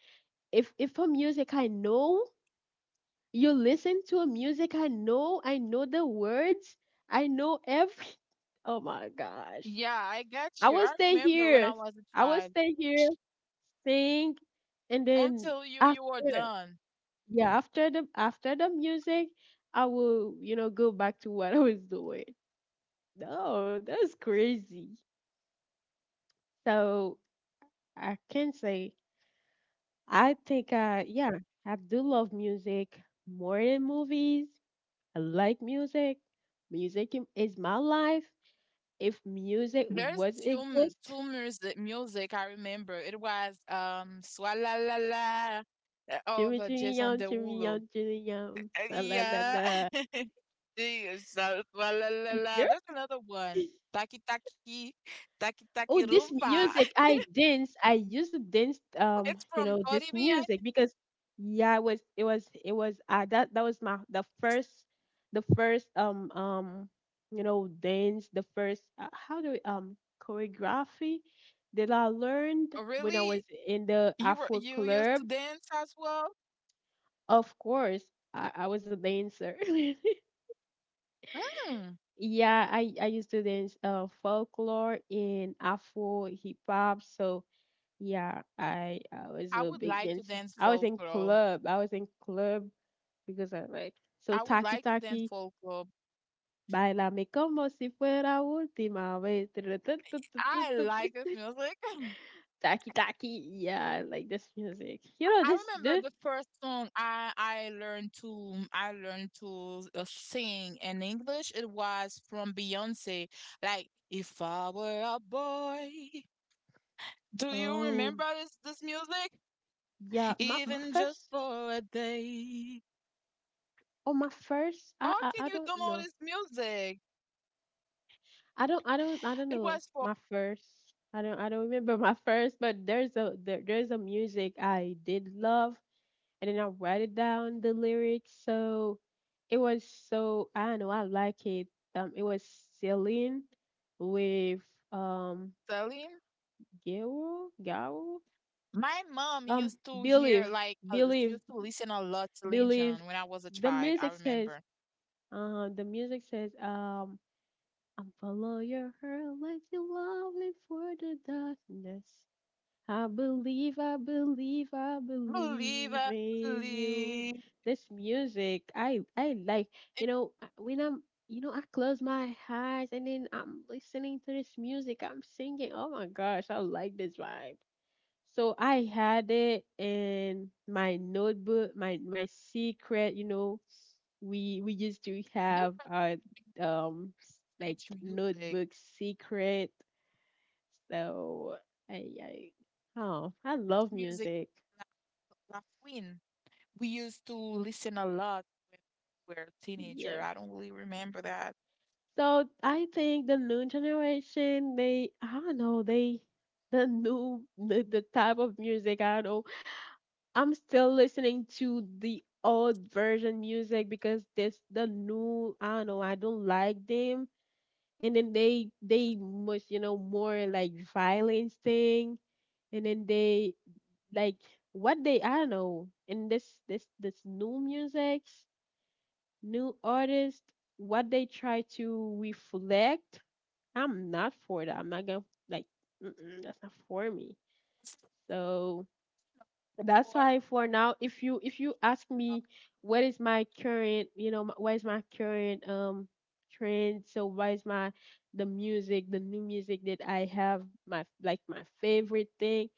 A: If a music I know, you listen to a music I know, I know the words, I know every oh my gosh,
B: Yeah, I got
A: I
B: you.
A: will
B: I
A: stay
B: remember when
A: here,
B: I was a
A: I will
B: child.
A: stay here, sing, and then
B: Until you were
A: after,
B: done.
A: yeah, after the music, I will, you know, go back to what I was doing. No, that's crazy. So I can say I think yeah, I do love music more than movies. I like music. Music is my life. If music
B: There's
A: was exist,
B: two music I remember. It was Swalla La La of
A: Jimmy Jimmy
B: Jason
A: Young, Jimmy Young,
B: Derulo.
A: Jimmy Young, la la la
B: Yeah.
A: la.
B: The Swalla La
A: Yeah.
B: La. There's another one. Taki Taki Taki Taki
A: Oh, this
B: Rumba.
A: music, I dance. I used to dance.
B: It's from
A: You know
B: Cardi
A: this
B: B. I-
A: music because yeah, it was that was my the first you know dance the first how do we, choreography that I learned when I
B: Really?
A: was in the Afro
B: You used to
A: club.
B: dance as well?
A: Of course, I was a dancer.
B: Mm,
A: yeah, I used to dance folklore in Afro hip hop. So yeah, I
B: I
A: was a
B: would
A: big
B: like to
A: dancer.
B: dance
A: I was in
B: folklore.
A: club. I was in club because I like so
B: I would
A: taki
B: like to dance
A: taki.
B: folklore.
A: Bailame como si fuera última vez.
B: I like this music.
A: Taki taki. Yeah, I like this music. You know
B: I
A: this
B: remember
A: the
B: the first song I learned to sing in English. It was from Beyonce. Like if I were a boy. Do you
A: oh
B: remember this music?
A: yeah my
B: Even just
A: first
B: for a day.
A: oh my first I
B: How
A: I,
B: can
A: I
B: you
A: don't
B: don't know
A: know,
B: this music?
A: I don't
B: It
A: know
B: was for
A: my first. I don't remember my first, but there's there's a music I did love and then I write it down the lyrics. So it was so I don't know, I like it. It was Celine with um
B: Celine.
A: Gero, Garo?
B: My mom
A: Um
B: used to hear
A: Believe,
B: like
A: Believe,
B: used to listen a lot to Lin
A: Believe.
B: Jon when I was a
A: The
B: child. I
A: music says
B: remember.
A: the music says I'm follow your heart like you love me for the darkness. I believe, I believe, I
B: Believe,
A: believe
B: I
A: in you.
B: believe.
A: This music, I like.
B: It-
A: You know, when I'm, you know, I close my eyes and then I'm listening to this music. I'm singing. Oh my gosh, I like this vibe. So I had it in my notebook, my secret. You know, we used to
B: There
A: have
B: was
A: our like
B: French music,
A: notebook secret so I oh I love
B: music
A: music.
B: La Fouine. We used to listen a lot when we were a teenager.
A: Yeah.
B: I don't really remember that.
A: So I think the new generation, they I don't know, they the type of music, I don't know. I'm still listening to the old version music because this the new I don't know, I don't like them. And then they must, you know, more like violence thing and then they like what they I don't know in this new music new artists, what they try to reflect, I'm not for that. I'm not gonna like mm-mm, that's not for me.
B: That's not
A: So
B: from
A: that's
B: Four.
A: why for now, if you ask me what is my current, you know, what is my current trend? So what is my the music, the new music that I have, my like my favorite thing?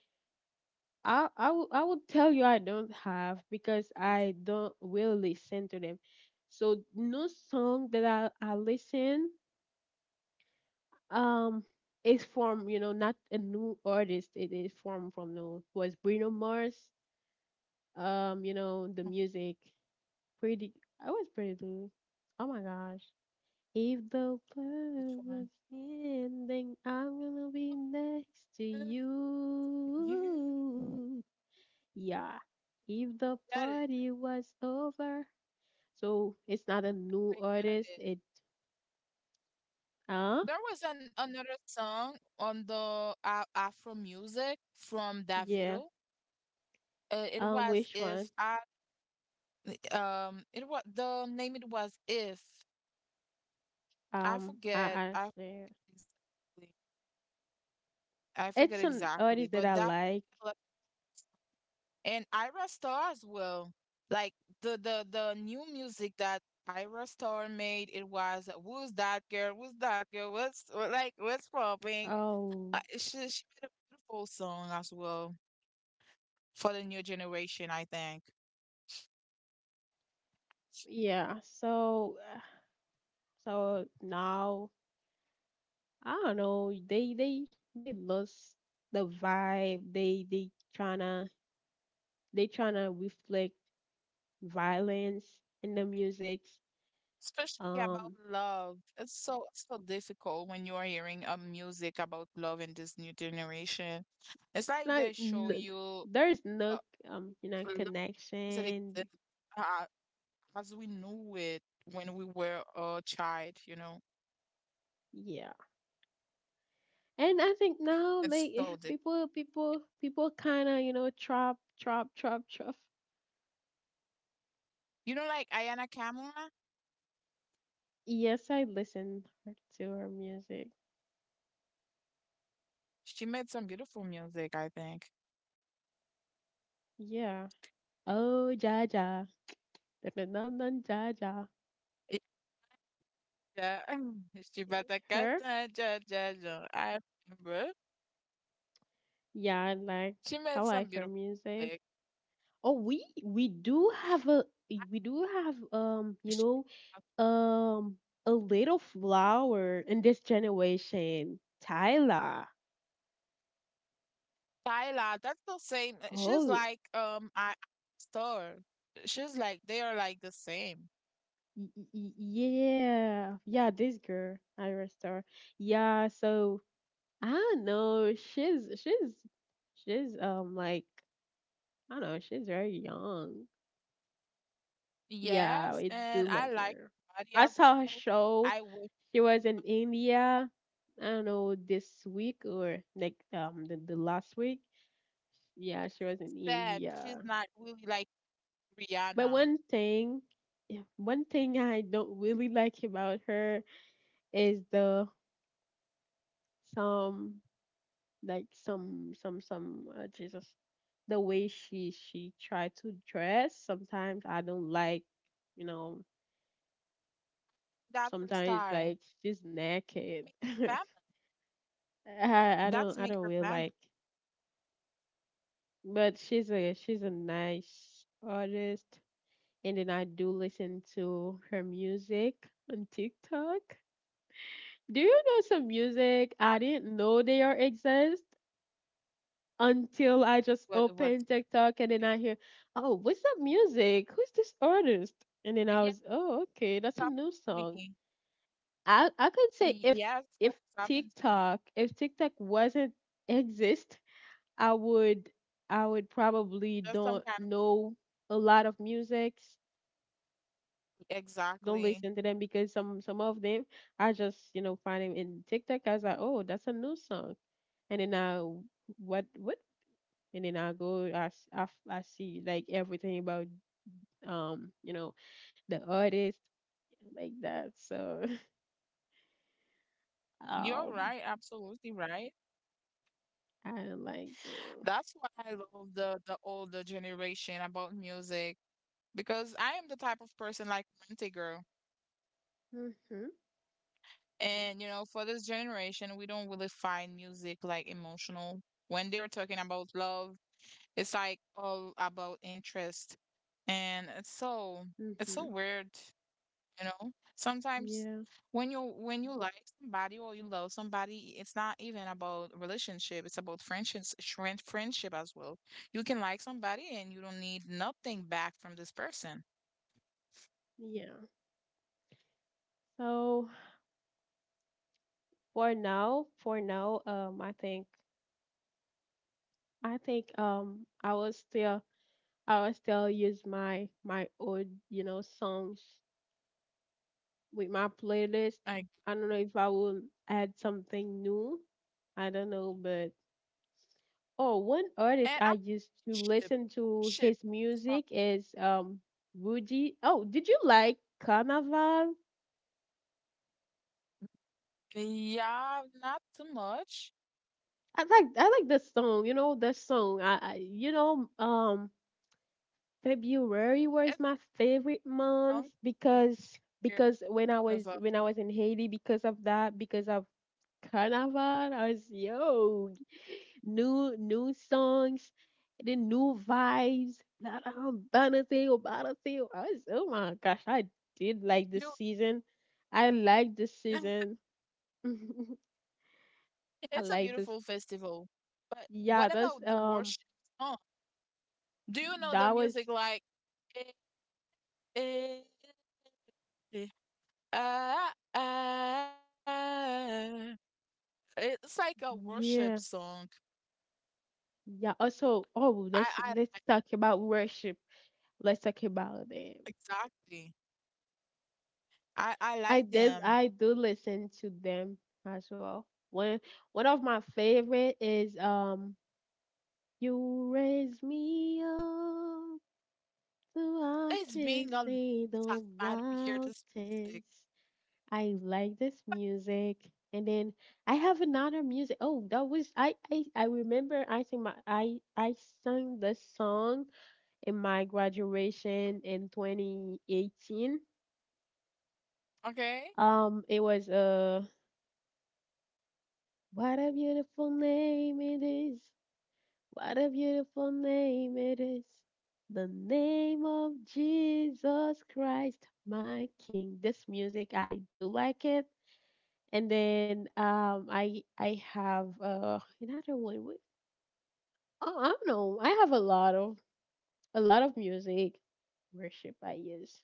A: I would tell you I don't have because I don't will listen to them. So no song that I listen um is from you know not a new artist. It is from no was Bruno Mars. You know the music pretty. I was pretty good. Oh my gosh. If the world
B: Which
A: was
B: one?
A: ending, I'm gonna be next to you.
B: You.
A: Yeah, if the
B: I got it.
A: party was over. So it's not a new
B: I got
A: artist.
B: it.
A: It uh
B: There was an another song on the Afro music from
A: yeah.
B: Davido. It was
A: Which one?
B: if I it was the name it was if I
A: Um, I
B: forget
A: I
B: I
A: say
B: exactly I forget
A: it's an
B: exactly
A: artist that
B: but
A: I
B: that
A: like.
B: And Ira Star as well, like the new music that Ira Star made, it was who's that girl, who's that girl, what's what- like what's popping.
A: Um,
B: She made a beautiful song as well for the new generation, I think.
A: yeah. So so now I don't know. They lost the vibe. Tryna they tryna reflect violence in the music.
B: Especially about
A: Um,
B: love. It's so difficult when you are hearing a music about love in this new generation. It's like
A: Like
B: they show
A: n-
B: you
A: there is
B: uh,
A: no you know
B: love that
A: connection.
B: exists, uh, as we knew it when we were a child, you know.
A: Yeah, and I think now like
B: It's so
A: eh,
B: different.
A: people kind of you know trap trap.
B: You know, like Ayana Kamura,
A: Yes, I listen to her music.
B: she made some beautiful music, I think.
A: Yeah. Oh, Jaja, Definitely Jaja.
B: Yeah, she better
A: Her.
B: cut, ja, ja, ja. I remember.
A: Yeah,
B: She
A: I
B: made
A: like
B: some
A: her
B: beautiful
A: music.
B: music.
A: Oh, we do have a we do have you
B: Sh-
A: know Um, a little flower in this generation, Tyla.
B: Tyla, that's the same. She's
A: Oh,
B: like, I store. She's like, they are like the same.
A: yeah, this girl, Ira Star. Yeah, so I don't know. She's like I don't know. She's very young. Yeah,
B: Yes,
A: I do
B: and I
A: like
B: like
A: her.
B: Body
A: I
B: as
A: saw her
B: well.
A: show.
B: I was
A: She was in India. I don't know this week or like the last week. Yeah, she was in
B: sad. She's
A: India.
B: not really like
A: But
B: Rihanna.
A: one thing, yeah, one thing I don't really like about her is the some like some Jesus, the way she tried to dress. Sometimes I don't like, you know.
B: That's her
A: Sometimes
B: style.
A: like she's naked.
B: Make her
A: I
B: family.
A: I
B: That's
A: don't I
B: make
A: don't
B: her
A: really
B: family.
A: like. But she's a nice artist, and then I do listen to her music on TikTok. Do you know some music
B: I
A: I didn't know they are exist until I just
B: what what's
A: opened TikTok and
B: it-
A: then I hear, oh, what's that music? Who's this artist? And then I
B: Yes,
A: was, oh, okay, that's a
B: stop
A: new
B: me.
A: song. I could say
B: Y-
A: if
B: Yes, oh,
A: if
B: stop it to me.
A: if TikTok wasn't exist, I would I would probably
B: That's some
A: don't
B: kind of
A: know a lot of musics. Don't
B: exactly.
A: listen to them because some of them I just you know find them in TikTok. I was like, oh, that's a new song and then I what and then I go I, s- I f- I see like everything about you know the artist like that so
B: You're
A: um
B: right. Absolutely right.
A: I'm like damn
B: That's why I love the older generation about music because I am the type of person like Monty girl.
A: mhm
B: And you know, for this generation, we don't really find music like emotional. When they're talking about love, it's like all about interest. And it's so
A: mhm
B: weird. You know, sometimes
A: yeah
B: when you like somebody or you love somebody, it's not even about relationship. It's about friendships, friendship as well. You can like somebody and you don't need nothing back from this person.
A: yeah so for now I think I will still use my my old you know songs with my playlist.
B: Like,
A: I don't know if I will add something new. I don't know, but oh, one artist
B: and
A: I
B: I'm
A: used to
B: ship,
A: listen to
B: ship.
A: his
B: um,
A: music is Rudy. Oh, did you like Carnival?
B: Yeah, not too much.
A: I like the song. You know the song. I you know February
B: It's
A: was my favorite
B: young,
A: month
B: but
A: because
B: you're one of a-
A: when I was in Haiti because of that because of Carnival I was yo new new songs, and then new vibes. Blah, blah, blah, blah, blah, blah, blah. I was, oh my gosh, I did like this
B: you.
A: season. I like this season. I
B: It's a
A: like this.
B: beautiful festival. But what
A: Yeah, that's
B: about the worship song? Do you know the
A: that was
B: music like? Eh, eh, eh, ah, ah. It's like a worship
A: yeah,
B: song.
A: yeah. Also,
B: I,
A: oh,
B: I
A: let's talk about worship. Let's talk about them.
B: exactly. I
A: I
B: like
A: did
B: them.
A: I do listen to them as well. One one of my favorite is You raise me up so I
B: It's
A: can
B: been a long
A: see
B: time
A: the
B: I don't hear this music.
A: mountains. I like this music. And then I have another music. Oh, that was I remember I think my I sang this song in my graduation in 2018.
B: Okay?
A: It was what a beautiful name it is. What a beautiful name it is. The name of Jesus Christ, my King. This music, I do like it. And then I have another one. Wait, oh, I don't know. I have a lot of music worship I use.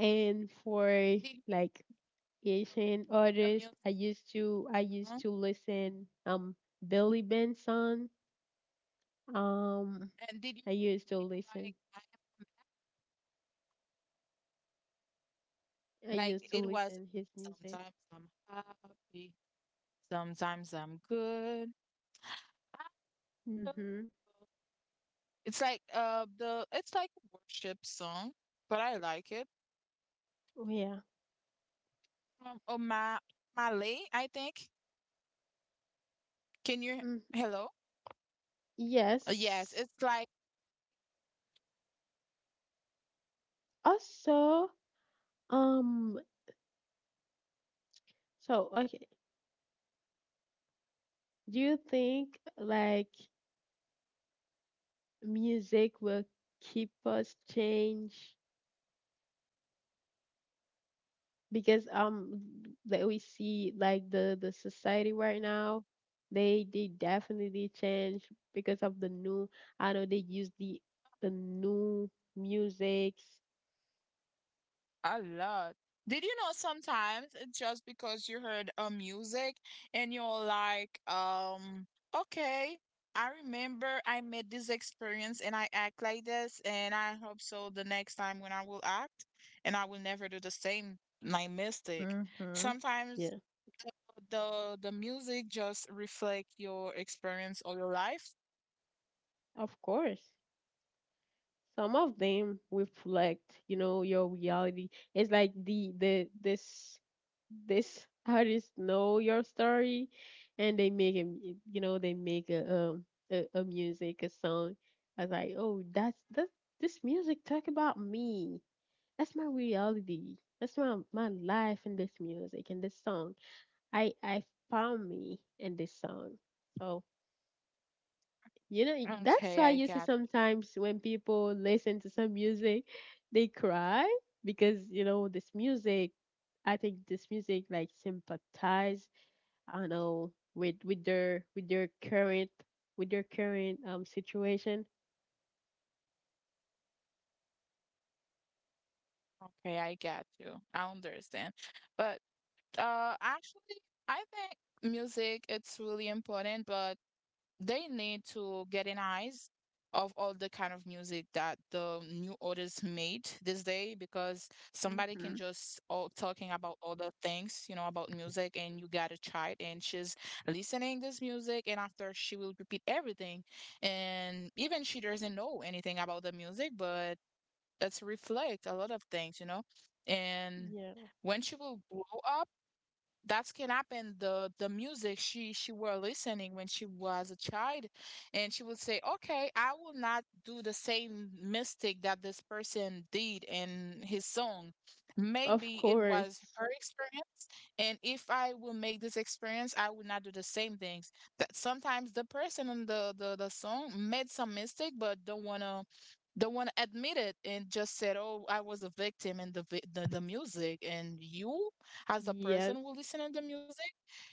A: And
B: Did
A: for
B: you
A: like Asian
B: know the music?
A: artists, I
B: Huh?
A: used to listen Billy Benson. Um,
B: And did you
A: I used to
B: feel like
A: listen
B: I am a
A: I
B: like
A: used to
B: it was
A: listen his music.
B: sometimes I'm happy, sometimes I'm good. I don't know.
A: Mm-hmm.
B: It's like the it's like a worship song, but I like it.
A: Oh, yeah.
B: Oh my Malay, I think. Can you
A: Mm.
B: hello? Yes,
A: Yes.
B: it's like
A: Also, um, so okay, do you think like music will keep us change because that we see like the society right now, they definitely change because of the new. I know they use the new musics.
B: a lot. Did you know sometimes it's just because you heard a music and you're like, okay, I remember I made this experience and I act like this, and I hope so the next time when I will act and I will never do the same like mistake.
A: Mm-hmm.
B: Sometimes
A: Yeah,
B: the the music just reflect your experience or your life.
A: of course. Some of them reflect, you know, your reality. It's like the this this artist know your story, and they make you know, they make a music a song. I was like, oh, that's that this music talk about me. That's my reality. That's my life in this music and this song. I found me in this song. So
B: Okay,
A: that's
B: I
A: why you see
B: got.
A: sometimes when people listen to some music, they cry because, you know, this music, I think this music like sympathize, I don't know, with their current with their current situation.
B: Okay, I got you. I understand. But Actually, I think music it's really important, but they need to get an eyes of all the kind of music that the new artists made this day because somebody can just
A: Mm-hmm.
B: all talking about other things, you know, about music and you got a child and she's listening this music and after she will repeat everything and even she doesn't know anything about the music, but that's reflect a lot of things, you know. And
A: Yeah.
B: when she will grow up, that can happen. The music she were listening when she was a child, and she will say, "Okay, I will not do the same mistake that this person did in his song.
A: Of
B: Maybe it was
A: course.
B: her experience, and if I will make this experience, I will not do the same things." That sometimes the person in the song made some mistake, but don't wanna the one admitted and just said, "Oh, I was a victim in the the music." And you, as a person
A: Yes.
B: who listening to the music,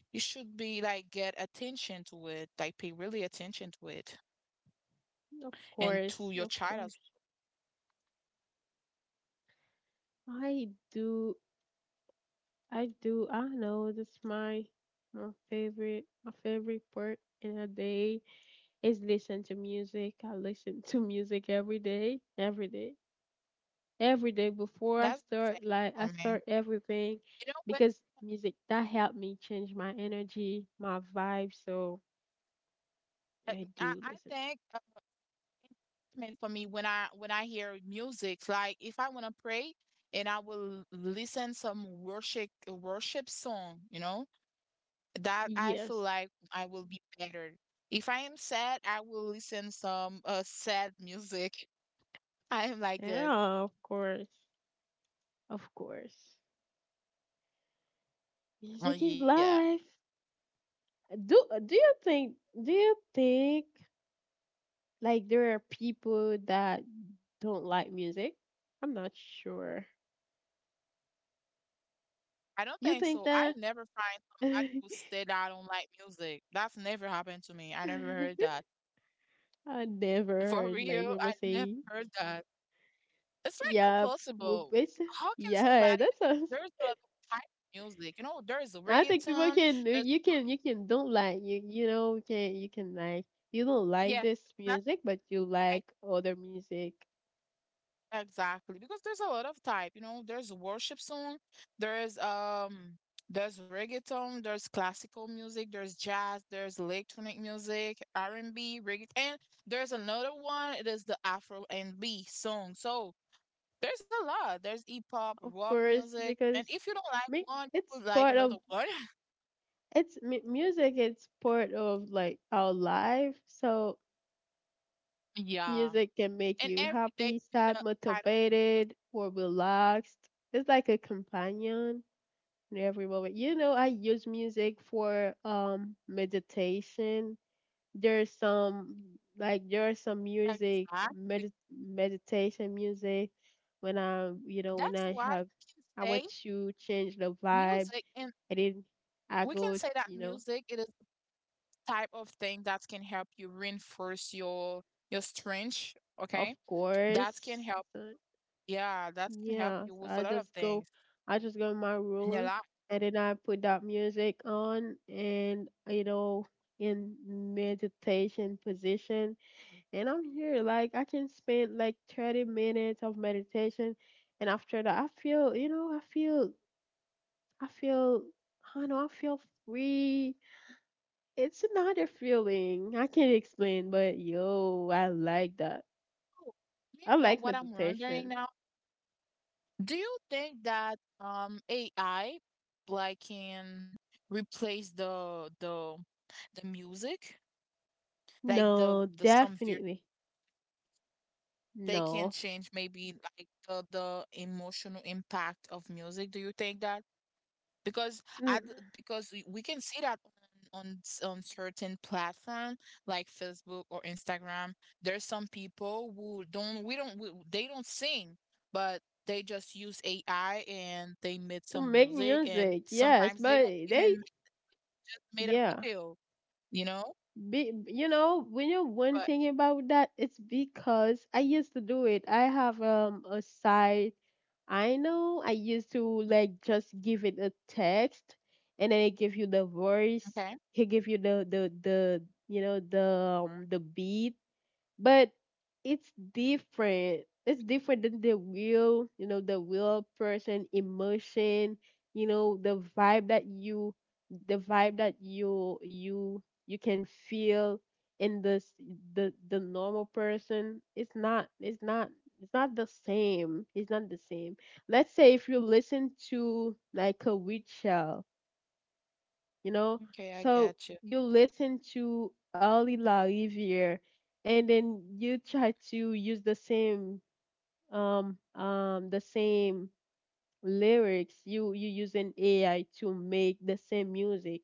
B: you should be like get attention to it, like pay really attention to it,
A: Of
B: and to
A: course.
B: your
A: Of
B: child as
A: course. I do I do. I know that's my favorite part in a day is listen to music. I listen to music every day, every day, every day before I
B: That's the
A: start. Like I
B: same for me.
A: start everything
B: You know what?
A: because music that helped me change my energy, my vibe. So
B: I
A: I
B: I
A: do
B: I
A: listen.
B: think encouragement for me when I hear music. Like if I want to pray and I will listen some worship song, you know, that I feel
A: Yes,
B: like I will be better. If I am sad, I will listen some sad music. I am like this.
A: yeah, of course, of course.
B: Oh
A: Music is
B: yeah.
A: life. Do you think? Do you think like there are people that don't like music? I'm not sure.
B: I don't
A: You
B: think
A: think
B: so.
A: that?
B: I never find somebody who said I don't like music. That's never happened to me. I never heard that.
A: I never
B: For
A: heard like
B: real,
A: people
B: I never
A: say,
B: heard that. It's like
A: yeah, move
B: impossible.
A: it's
B: How can
A: yeah,
B: somebody
A: that
B: because
A: sounds
B: there's like a type of music. You know, there is a
A: I think people
B: reggaeton,
A: can
B: there's
A: you can don't like you know you can like you don't like
B: yeah,
A: this
B: that's
A: music but you like other music
B: exactly, because there's a lot of type, you know, there's worship song, there's there's reggaeton, there's classical music, there's jazz, there's electronic music, R&B, reggae, and there's another one, it is the Afro and B song. So, there's a lot. There's hip hop,
A: of
B: rock
A: course
B: music,
A: because
B: and if you don't like
A: me
B: one, you
A: it's
B: will like
A: part
B: another
A: of
B: one.
A: it's music it's part of like our life so
B: Yeah.
A: music can make
B: And
A: you
B: every day
A: happy
B: you got
A: sad
B: a kind of music.
A: motivated or relaxed it's like a companion in every moment. You know, I use music for meditation. There's some like there's some music
B: Exactly.
A: meditation music when I when
B: That's
A: I
B: why
A: have
B: we can
A: I want
B: say
A: to change the vibe
B: music and
A: and then I
B: we can
A: go
B: say that
A: you know
B: music it is type of thing that can help you reinforce your strength,
A: of
B: okay, that can
A: course
B: help,
A: so,
B: yeah, that can help
A: yeah
B: you
A: so
B: with a
A: I
B: lot of
A: just go
B: things
A: I just go in my
B: and you're
A: room
B: like
A: and then I put that music on and you know in meditation position and I'm here. Like I can spend like 30 minutes of meditation, and after that, I feel, you know, I feel, I feel, I know, I feel free. It's another feeling I can't explain, but yo, I like that.
B: oh, you
A: I
B: know
A: like
B: what I'm wondering
A: meditation.
B: now, do you think that AI like can replace the music like the
A: No,
B: the some vir-
A: definitely
B: they can
A: no.
B: change maybe like the emotional impact of music, do you think that because
A: Mm.
B: I d- because we can see that on certain platform like Facebook or Instagram, there's some people who don't we, they don't sing, but they just use AI and they made
A: To
B: some
A: make
B: music, and
A: music, yes,
B: sometimes they
A: but
B: don't even
A: they.
B: ma- just made a
A: Yeah,
B: video, you know.
A: be, you know, when you're one
B: But
A: thing about that, it's because I used to do it. I have a side I know I used to like just give it a text and then it give you the
B: okay,
A: voice. He give you the you know the beat but it's different. It's different than the real, you know, the real person emotion, you know, the vibe that you the vibe that you can feel in this the normal person. It's not the same. It's not the same. Let's say if you listen to like a witch, you know?
B: okay, I
A: So
B: got you.
A: you listen to Ali La Riviere and then you try to use the same lyrics you you using AI to make the same music.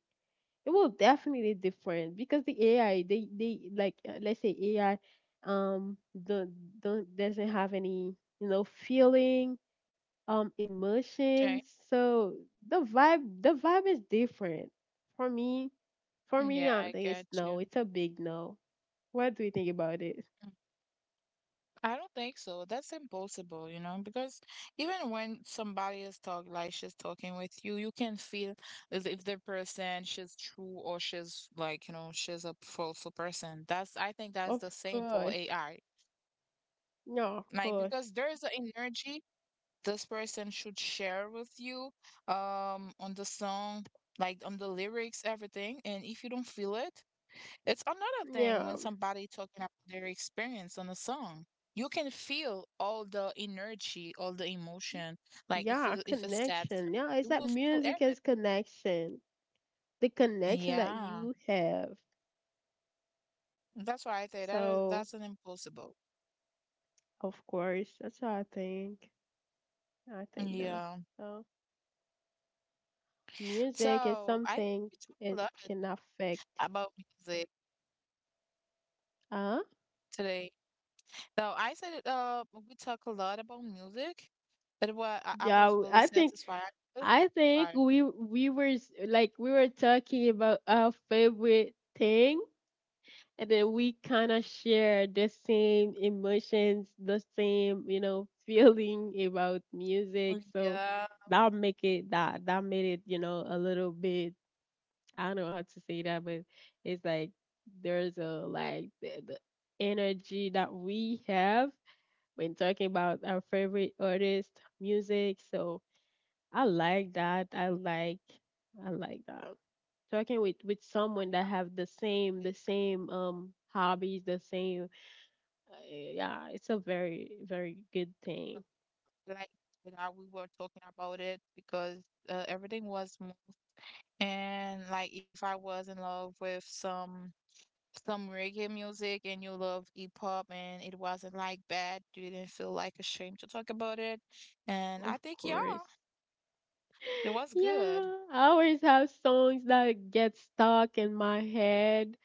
A: It will definitely different because the AI they like let's say AI um don't, don't doesn't have any you know feeling
B: Okay,
A: emotions so the vibe is different for me. For me
B: yeah,
A: I
B: I
A: think it's
B: got you.
A: no it's a big no. What do you think about it?
B: I don't think so. That's impossible, you know, because even when somebody is talk like she's talking with you, you can feel as if the person she's true or she's like, you know, she's a false person. That's I think that's
A: Of
B: the same for
A: course.
B: AI.
A: No, of
B: Like
A: course.
B: because there is an energy this person should share with you on the song like on the lyrics everything and if you don't feel it it's another thing when
A: Yeah.
B: somebody talking about their experience on a song you can feel all the energy all the emotion like if
A: Yeah,
B: it, if it's sad
A: connection, yeah, it's
B: you
A: that
B: will feel
A: music is
B: everything,
A: connection. The connection that
B: yeah,
A: you have.
B: that's why I say that is
A: So
B: that's an impossible,
A: of course that's what I think. I think that.
B: yeah,
A: So music is
B: so I think
A: something.
B: we talked a
A: It
B: lot
A: can affect.
B: about music
A: Uh
B: today. So I said it, we talk a lot about music, but what I was
A: yeah
B: really
A: I think
B: satisfied with
A: I think
B: our-
A: we were like we were talking about our favorite thing, and then we kind of share the same emotions, the same you know feeling about music.
B: Oh,
A: So
B: yeah,
A: that make it that made it you know a little bit. I don't know how to say that, but it's like there's a like the energy that we have when talking about our favorite artist music. So I like that. I like that. So I can wait with someone that have the same hobbies, the same yeah, it's a very very good thing.
B: like you know, we were talking about it because everything was mo- and like if I was in love with some reggae music and you love hip hop and it wasn't like bad, you didn't feel like ashamed to talk about it, and I
A: Of
B: think yeah,
A: course.
B: it was good.
A: Yeah, I always have songs that get stuck in my head.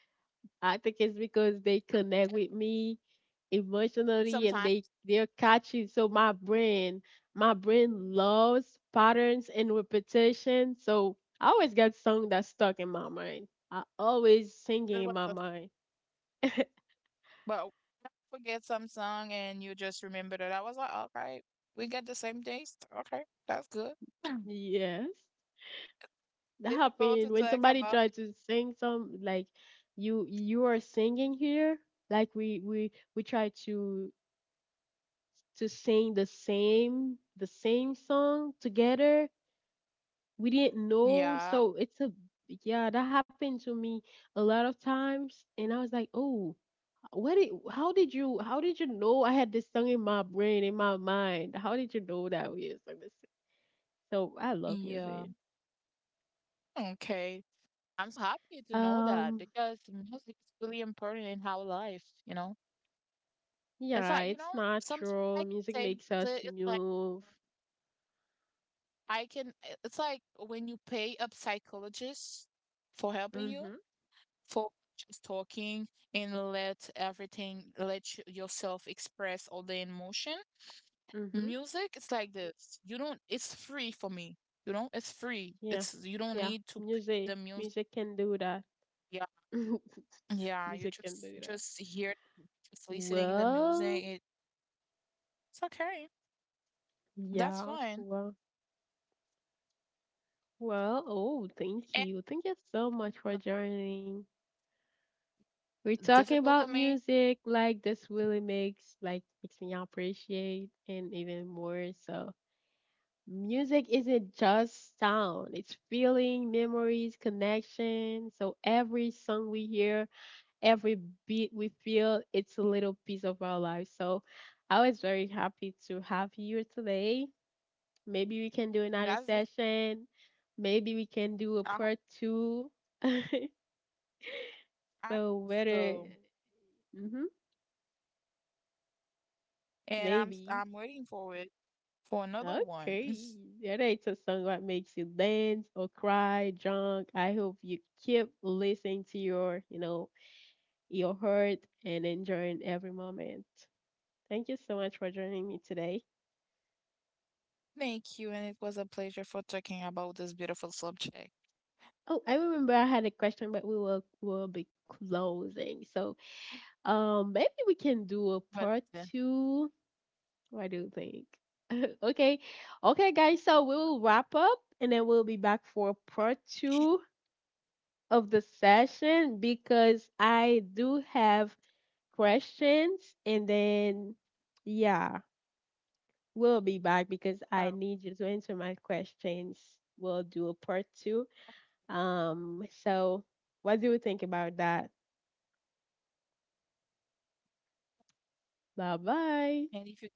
A: I think it's because they connect with me emotionally and they
B: Sometimes
A: they're catchy. So my brain loves patterns and repetition. So I always got song that's stuck in my mind. I always
B: it
A: singing
B: was
A: in my
B: a
A: mind.
B: But forget some song and you just remember that. I was like, all right, we got the same taste. Okay, that's good.
A: Yes, that
B: Difficult
A: happened
B: to
A: when
B: talk
A: somebody
B: about.
A: tried to sing some like you are singing here. Like we try to sing the same song together we didn't know.
B: Yeah,
A: So it's a yeah, that happened to me a lot of times, and I was like, oh, what? Did, how did you? How did you know I had this song in my brain, in my mind? How did you know that we had sung this? So I love music.
B: yeah. Okay. I'm so happy to know that
A: Um,
B: because music is really important in our life, you know? It's
A: yeah,
B: like, you
A: it's
B: know, sometimes I
A: natural.
B: can
A: Music
B: say
A: makes us
B: music, it's like,
A: move.
B: I can, it's like when you pay up psychologists for helping you,
A: Mhm.
B: for just talking and let everything let y- yourself express all the emotion,
A: Mhm.
B: music it's like this, you don't, it's free for me, you know, it's free,
A: Yeah.
B: it's you don't
A: Yeah.
B: need to pick
A: Music.
B: the music,
A: Music can do that.
B: yeah, yeah,
A: Music can do
B: you
A: that.
B: just hear, just listening to the
A: Well,
B: music it, it's okay, that's
A: yeah.
B: fine
A: Well. Well, oh, thank
B: and
A: you. Thank you so much for
B: like,
A: joining. We're talking
B: difficult
A: about
B: for me,
A: music like this really makes like makes me appreciate and even more. So music isn't just sound, it's feeling, memories, connection. So every song we hear, every beat we feel, it's a little piece of our life. So I was very happy to have you here today. Maybe we can do another
B: that's
A: session. Maybe we can do a
B: I,
A: part two.
B: I
A: So whether,
B: so
A: mm-hmm,
B: and i'm
A: maybe.
B: i'm waiting for it for another one.
A: Okay. That ain't a song that makes you dance or cry, drunk. I hope you keep listening to your, you know, your heart and enjoying every moment. Thank you so much for joining me today.
B: Thank you, and it was a pleasure for talking about this beautiful subject.
A: Oh, I remember I had a question, but we will be closing. So, maybe we can do a
B: But
A: part
B: uh,
A: two. What do you think? Okay. Okay, guys. So we will wrap up and then we'll be back for part two of the session because I do have questions. And then, yeah, we'll be back because I
B: um,
A: need you to answer my questions. We'll do a part two. So what do you think about that? Bye bye.
B: and if you